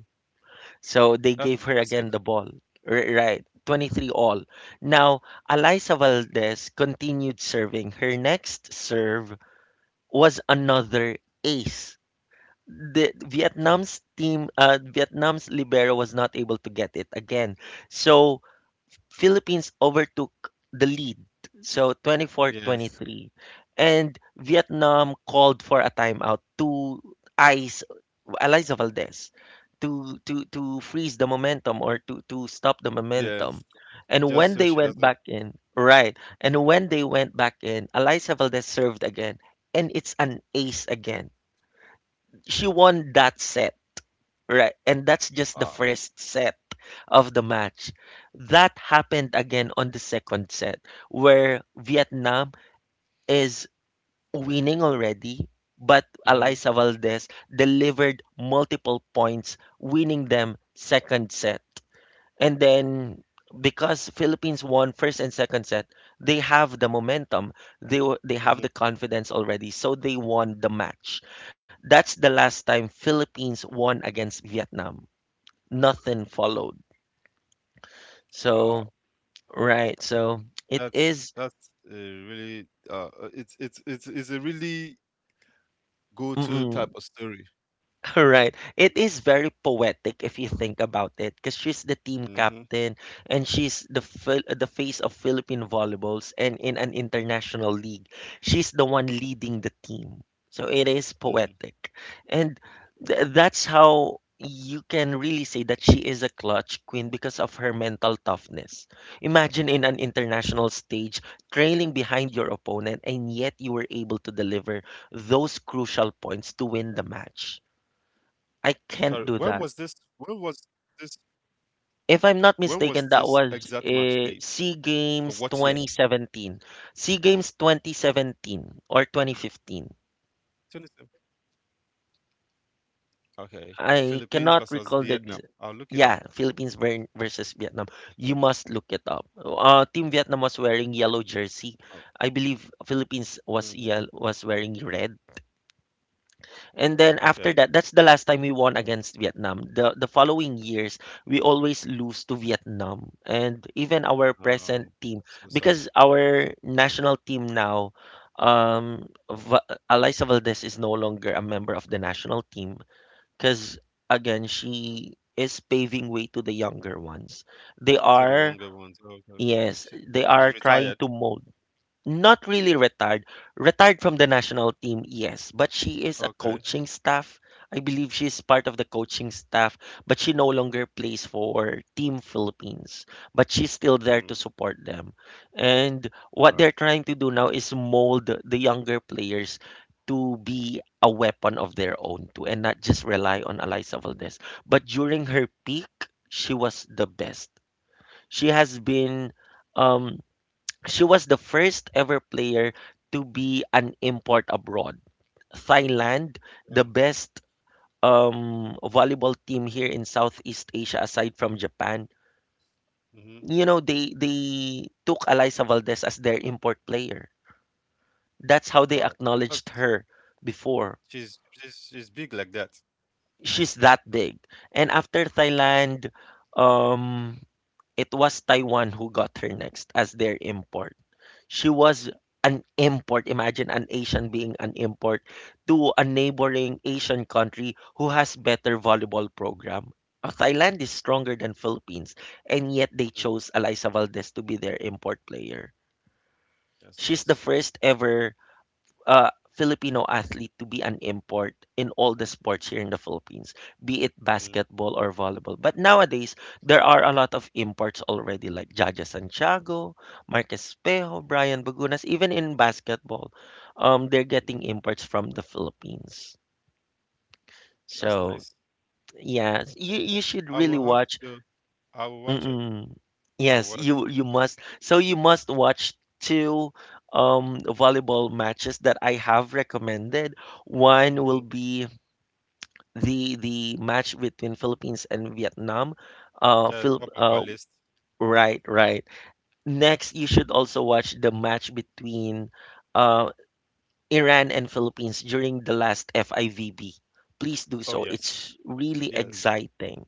Speaker 1: So they
Speaker 2: That's
Speaker 1: gave her
Speaker 2: impressive.
Speaker 1: again the ball. R- right. twenty three all. Now, Eliza Valdez continued serving. Her next serve was another ace. The Vietnam's team, uh, Vietnam's libero was not able to get it again. So Philippines overtook the lead, so twenty four twenty
Speaker 2: Yes.
Speaker 1: three, And Vietnam called for a timeout to ice Eliza Valdez, to to to freeze the momentum, or to to stop the momentum.
Speaker 2: Yes.
Speaker 1: And
Speaker 2: Just
Speaker 1: when
Speaker 2: so
Speaker 1: they
Speaker 2: she
Speaker 1: went
Speaker 2: doesn't.
Speaker 1: back in, right. And when they went back in, Eliza Valdez served again. And it's an ace again. She won that set. Right. And that's just the
Speaker 2: Wow.
Speaker 1: first set of the match. That happened again on the second set, where Vietnam is winning already, but
Speaker 2: Mm-hmm.
Speaker 1: Eliza Valdez delivered multiple points, winning them second set. And then, because Philippines won first and second set, they have the momentum. They wa- they have
Speaker 2: Mm-hmm.
Speaker 1: the confidence already, so they won the match. That's the last time Philippines won against Vietnam. Nothing followed. So,
Speaker 2: Wow.
Speaker 1: right. So it
Speaker 2: That's
Speaker 1: is.
Speaker 2: that's a really uh uh, it's, it's it's it's a really go-to type
Speaker 1: Mm-mm.
Speaker 2: of story.
Speaker 1: Right. It is very poetic if you think about it, because she's the team
Speaker 2: Mm-hmm.
Speaker 1: captain, and she's the Phil- the face of Philippine volleyballs, and in an international league, she's the one leading the team. So it is
Speaker 2: Mm-hmm.
Speaker 1: poetic, and th- that's how you can really say that she is a clutch queen because of her mental toughness. Imagine, in an international stage, trailing behind your opponent, and yet you were able to deliver those crucial points to win the match. I
Speaker 2: Sorry, when
Speaker 1: can't do
Speaker 2: was this?
Speaker 1: that.
Speaker 2: When was this? When was this
Speaker 1: If
Speaker 2: exact
Speaker 1: I'm
Speaker 2: match
Speaker 1: not
Speaker 2: played?
Speaker 1: mistaken, that was
Speaker 2: Or what
Speaker 1: uh,
Speaker 2: year?
Speaker 1: SEA Games twenty seventeen. SEA Games twenty seventeen or twenty fifteen.
Speaker 2: twenty seven. Okay, Philippines versus
Speaker 1: I
Speaker 2: Vietnam.
Speaker 1: cannot
Speaker 2: I'll
Speaker 1: recall
Speaker 2: look
Speaker 1: the
Speaker 2: it up.
Speaker 1: ex- yeah, Philippines ver- versus Vietnam. You must look it up. Uh, Team Vietnam was wearing yellow
Speaker 2: Oh,
Speaker 1: jersey. I believe Philippines
Speaker 2: hmm.
Speaker 1: was yell was wearing red.
Speaker 2: Right.
Speaker 1: And then
Speaker 2: Okay.
Speaker 1: after that, that's the last time we won against Vietnam. The the following years, we always lose to Vietnam. And even our
Speaker 2: Oh,
Speaker 1: present team,
Speaker 2: so sad.
Speaker 1: because our national team now, um, Va- Alisa Valdez is no longer a member of the national team, because again, she is paving way to the younger ones. They
Speaker 2: See the one
Speaker 1: are,
Speaker 2: ones. Oh, okay.
Speaker 1: yes,
Speaker 2: She,
Speaker 1: they
Speaker 2: she's
Speaker 1: are
Speaker 2: retired.
Speaker 1: trying to mold. Not really retired, retired from the national team, yes, but she is a
Speaker 2: Okay.
Speaker 1: coaching staff. I believe she's part of the coaching staff, but she no longer plays for Team Philippines, but she's still there to
Speaker 2: Mm,
Speaker 1: support them. And
Speaker 2: all
Speaker 1: what
Speaker 2: right.
Speaker 1: they're trying to do now is mold the younger players to be a weapon of their own too, and not just rely on Eliza Valdez. But during her peak, she was the best. She has been um she was the first ever player to be an import abroad. Thailand, the
Speaker 2: Oh.
Speaker 1: best um, volleyball team here in Southeast Asia aside from Japan,
Speaker 2: Mm-hmm.
Speaker 1: you know, they they took Eliza Valdez as their import player. That's how they
Speaker 2: Wow.
Speaker 1: acknowledged
Speaker 2: That's,
Speaker 1: her before.
Speaker 2: she's she's she's big like that.
Speaker 1: She's that big. And after Thailand, um, it was Taiwan who got her next as their import. She was an import. Imagine an Asian being an import to a neighboring Asian country who has better volleyball program. Uh, Thailand is stronger than Philippines, and yet they chose Alisa Valdez to be their import player.
Speaker 2: That's
Speaker 1: She's the
Speaker 2: nice.
Speaker 1: first ever uh, Filipino athlete to be an import in all the sports here in the Philippines, be it
Speaker 2: Mm,
Speaker 1: basketball or volleyball. But nowadays, there are a lot of imports already, like Jaja Santiago, Marquez Pejo, Brian Bagunas. Even in basketball, um, they're getting
Speaker 2: mm.
Speaker 1: imports from the Philippines.
Speaker 2: That's
Speaker 1: So
Speaker 2: nice.
Speaker 1: yeah, you, you should
Speaker 2: I
Speaker 1: really
Speaker 2: will have
Speaker 1: watch.
Speaker 2: to go. I will watch it.
Speaker 1: Mm-mm. Yes,
Speaker 2: I'll watch
Speaker 1: you
Speaker 2: it.
Speaker 1: you must. So you must watch two um volleyball matches that I have recommended. One will
Speaker 2: Mm-hmm.
Speaker 1: be the the match between Philippines and Vietnam. Uh, Phil,
Speaker 2: The top
Speaker 1: uh,
Speaker 2: of our list.
Speaker 1: right, right. Next, you should also watch the match between uh Iran and Philippines during the last F I V B. Please do so.
Speaker 2: Oh yes,
Speaker 1: It's really
Speaker 2: yes.
Speaker 1: exciting,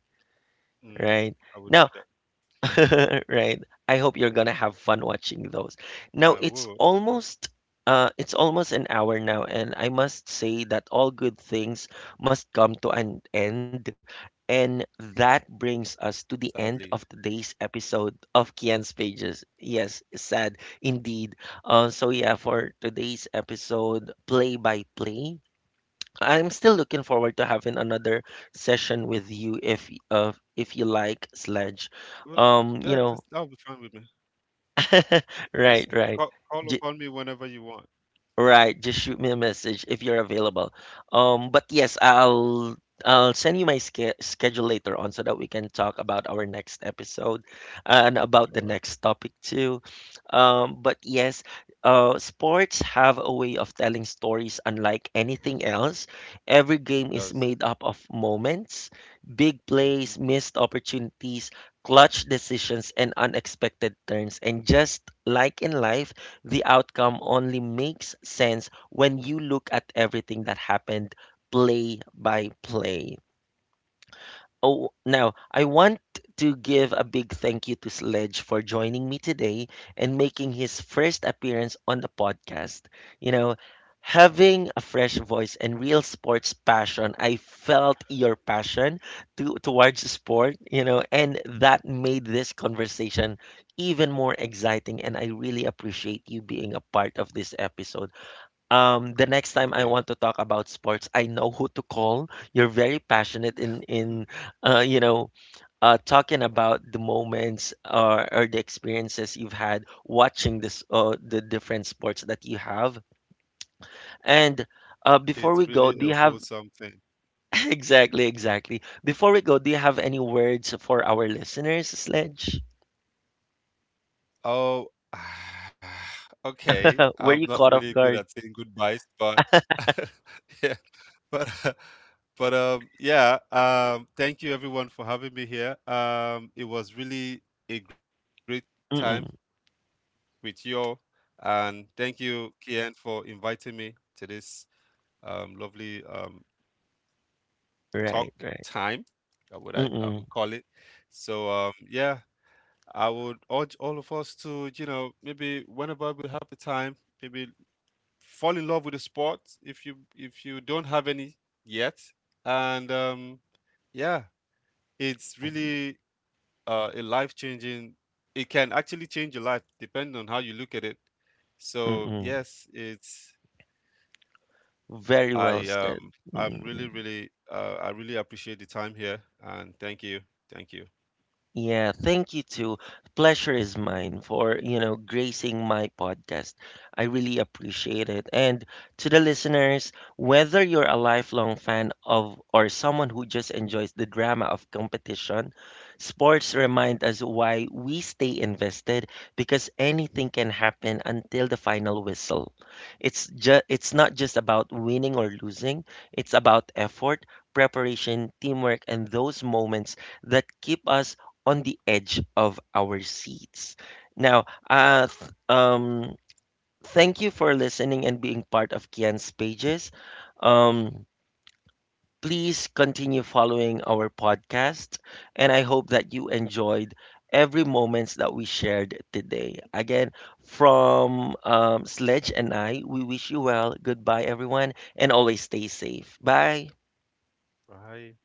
Speaker 2: Mm,
Speaker 1: right?
Speaker 2: I will
Speaker 1: Now,
Speaker 2: do that.
Speaker 1: right. I hope you're gonna have fun watching those. Now,
Speaker 2: I
Speaker 1: it's
Speaker 2: would. I would.
Speaker 1: almost uh it's almost an hour now, and I must say that all good things must come to an end. And that brings us to the end
Speaker 2: Sadly,
Speaker 1: of today's episode of Kian's Pages. Yes, sad indeed. Uh, so yeah, for today's episode, play by play. I'm still looking forward to having another session with you if y- uh, if you like Sledge.
Speaker 2: It was-
Speaker 1: Um, you
Speaker 2: yeah.
Speaker 1: know,
Speaker 2: That's, that'll be fine with me. Just,
Speaker 1: right, right.
Speaker 2: call, call upon me whenever you want.
Speaker 1: Right, just shoot me a message if you're available. Um, but yes,
Speaker 2: Right.
Speaker 1: I'll I'll send you my ske- schedule later on so that we can talk about our next episode and about the
Speaker 2: All right.
Speaker 1: next topic too. Um, but yes, uh, sports have a way of telling stories unlike anything else. Every game
Speaker 2: It
Speaker 1: is made
Speaker 2: does.
Speaker 1: up of moments, big plays,
Speaker 2: Mm-hmm.
Speaker 1: missed opportunities, clutch decisions, and unexpected turns. And just like in life, the outcome only makes sense when you look at everything that happened play by play. Oh, now I want to give a big thank you to Sledge for joining me today and making his first appearance on the podcast. You know, Having a fresh voice and real sports passion, I felt your passion to, towards sport, you know, and that made this conversation even more exciting. And I really appreciate you being a part of this episode. Um, the next time
Speaker 2: Thank
Speaker 1: I want
Speaker 2: you.
Speaker 1: to talk about sports, I know who to call. You're very passionate in in uh, you know uh, talking about the moments, or, or the experiences you've had watching this uh, the different sports that you have. And uh, before
Speaker 2: It's
Speaker 1: we go,
Speaker 2: really
Speaker 1: do you
Speaker 2: a
Speaker 1: have
Speaker 2: wholesome thing.
Speaker 1: exactly, exactly, before we go, do you have any words for our listeners, Sledge?
Speaker 2: Oh, okay.
Speaker 1: Uh, were
Speaker 2: I'm
Speaker 1: you
Speaker 2: not
Speaker 1: caught
Speaker 2: really
Speaker 1: off
Speaker 2: good at
Speaker 1: guard?
Speaker 2: saying goodbyes, but yeah. But but um yeah, um thank you everyone for having me here. Um it was really a great time
Speaker 1: Mm-mm.
Speaker 2: with you all, and thank you, Kian, for inviting me to this um lovely um talk
Speaker 1: Right, right.
Speaker 2: time, uh, what I, I
Speaker 1: Mm-mm.
Speaker 2: would call it. So um yeah, I would urge all of us to, you know, maybe whenever we have the time, maybe fall in love with the sport if you, if you don't have any yet. And um yeah, it's really uh, a life changing, it can actually change your life depending on how you look at it. So
Speaker 1: Mm-mm.
Speaker 2: yes, it's,
Speaker 1: Very well
Speaker 2: I
Speaker 1: said.
Speaker 2: um I'm
Speaker 1: Mm-mm.
Speaker 2: really, really uh, I really appreciate the time here and thank you. Thank you.
Speaker 1: Yeah, thank you too. Pleasure is mine for, you know, gracing my podcast. I really appreciate it. And to the listeners, whether you're a lifelong fan of or someone who just enjoys the drama of competition, sports remind us why we stay invested, because anything can happen until the final whistle. It's just it's not just about winning or losing, it's about effort, preparation, teamwork, and those moments that keep us on the edge of our seats. Now, uh, th- um, thank you for listening and being part of Kian's pages. Um, Please continue following our podcast, and I hope that you enjoyed every moments that we shared today. Again, from um, Sledge and I, we wish you well. Goodbye, everyone, and always stay safe. Bye.
Speaker 2: Bye.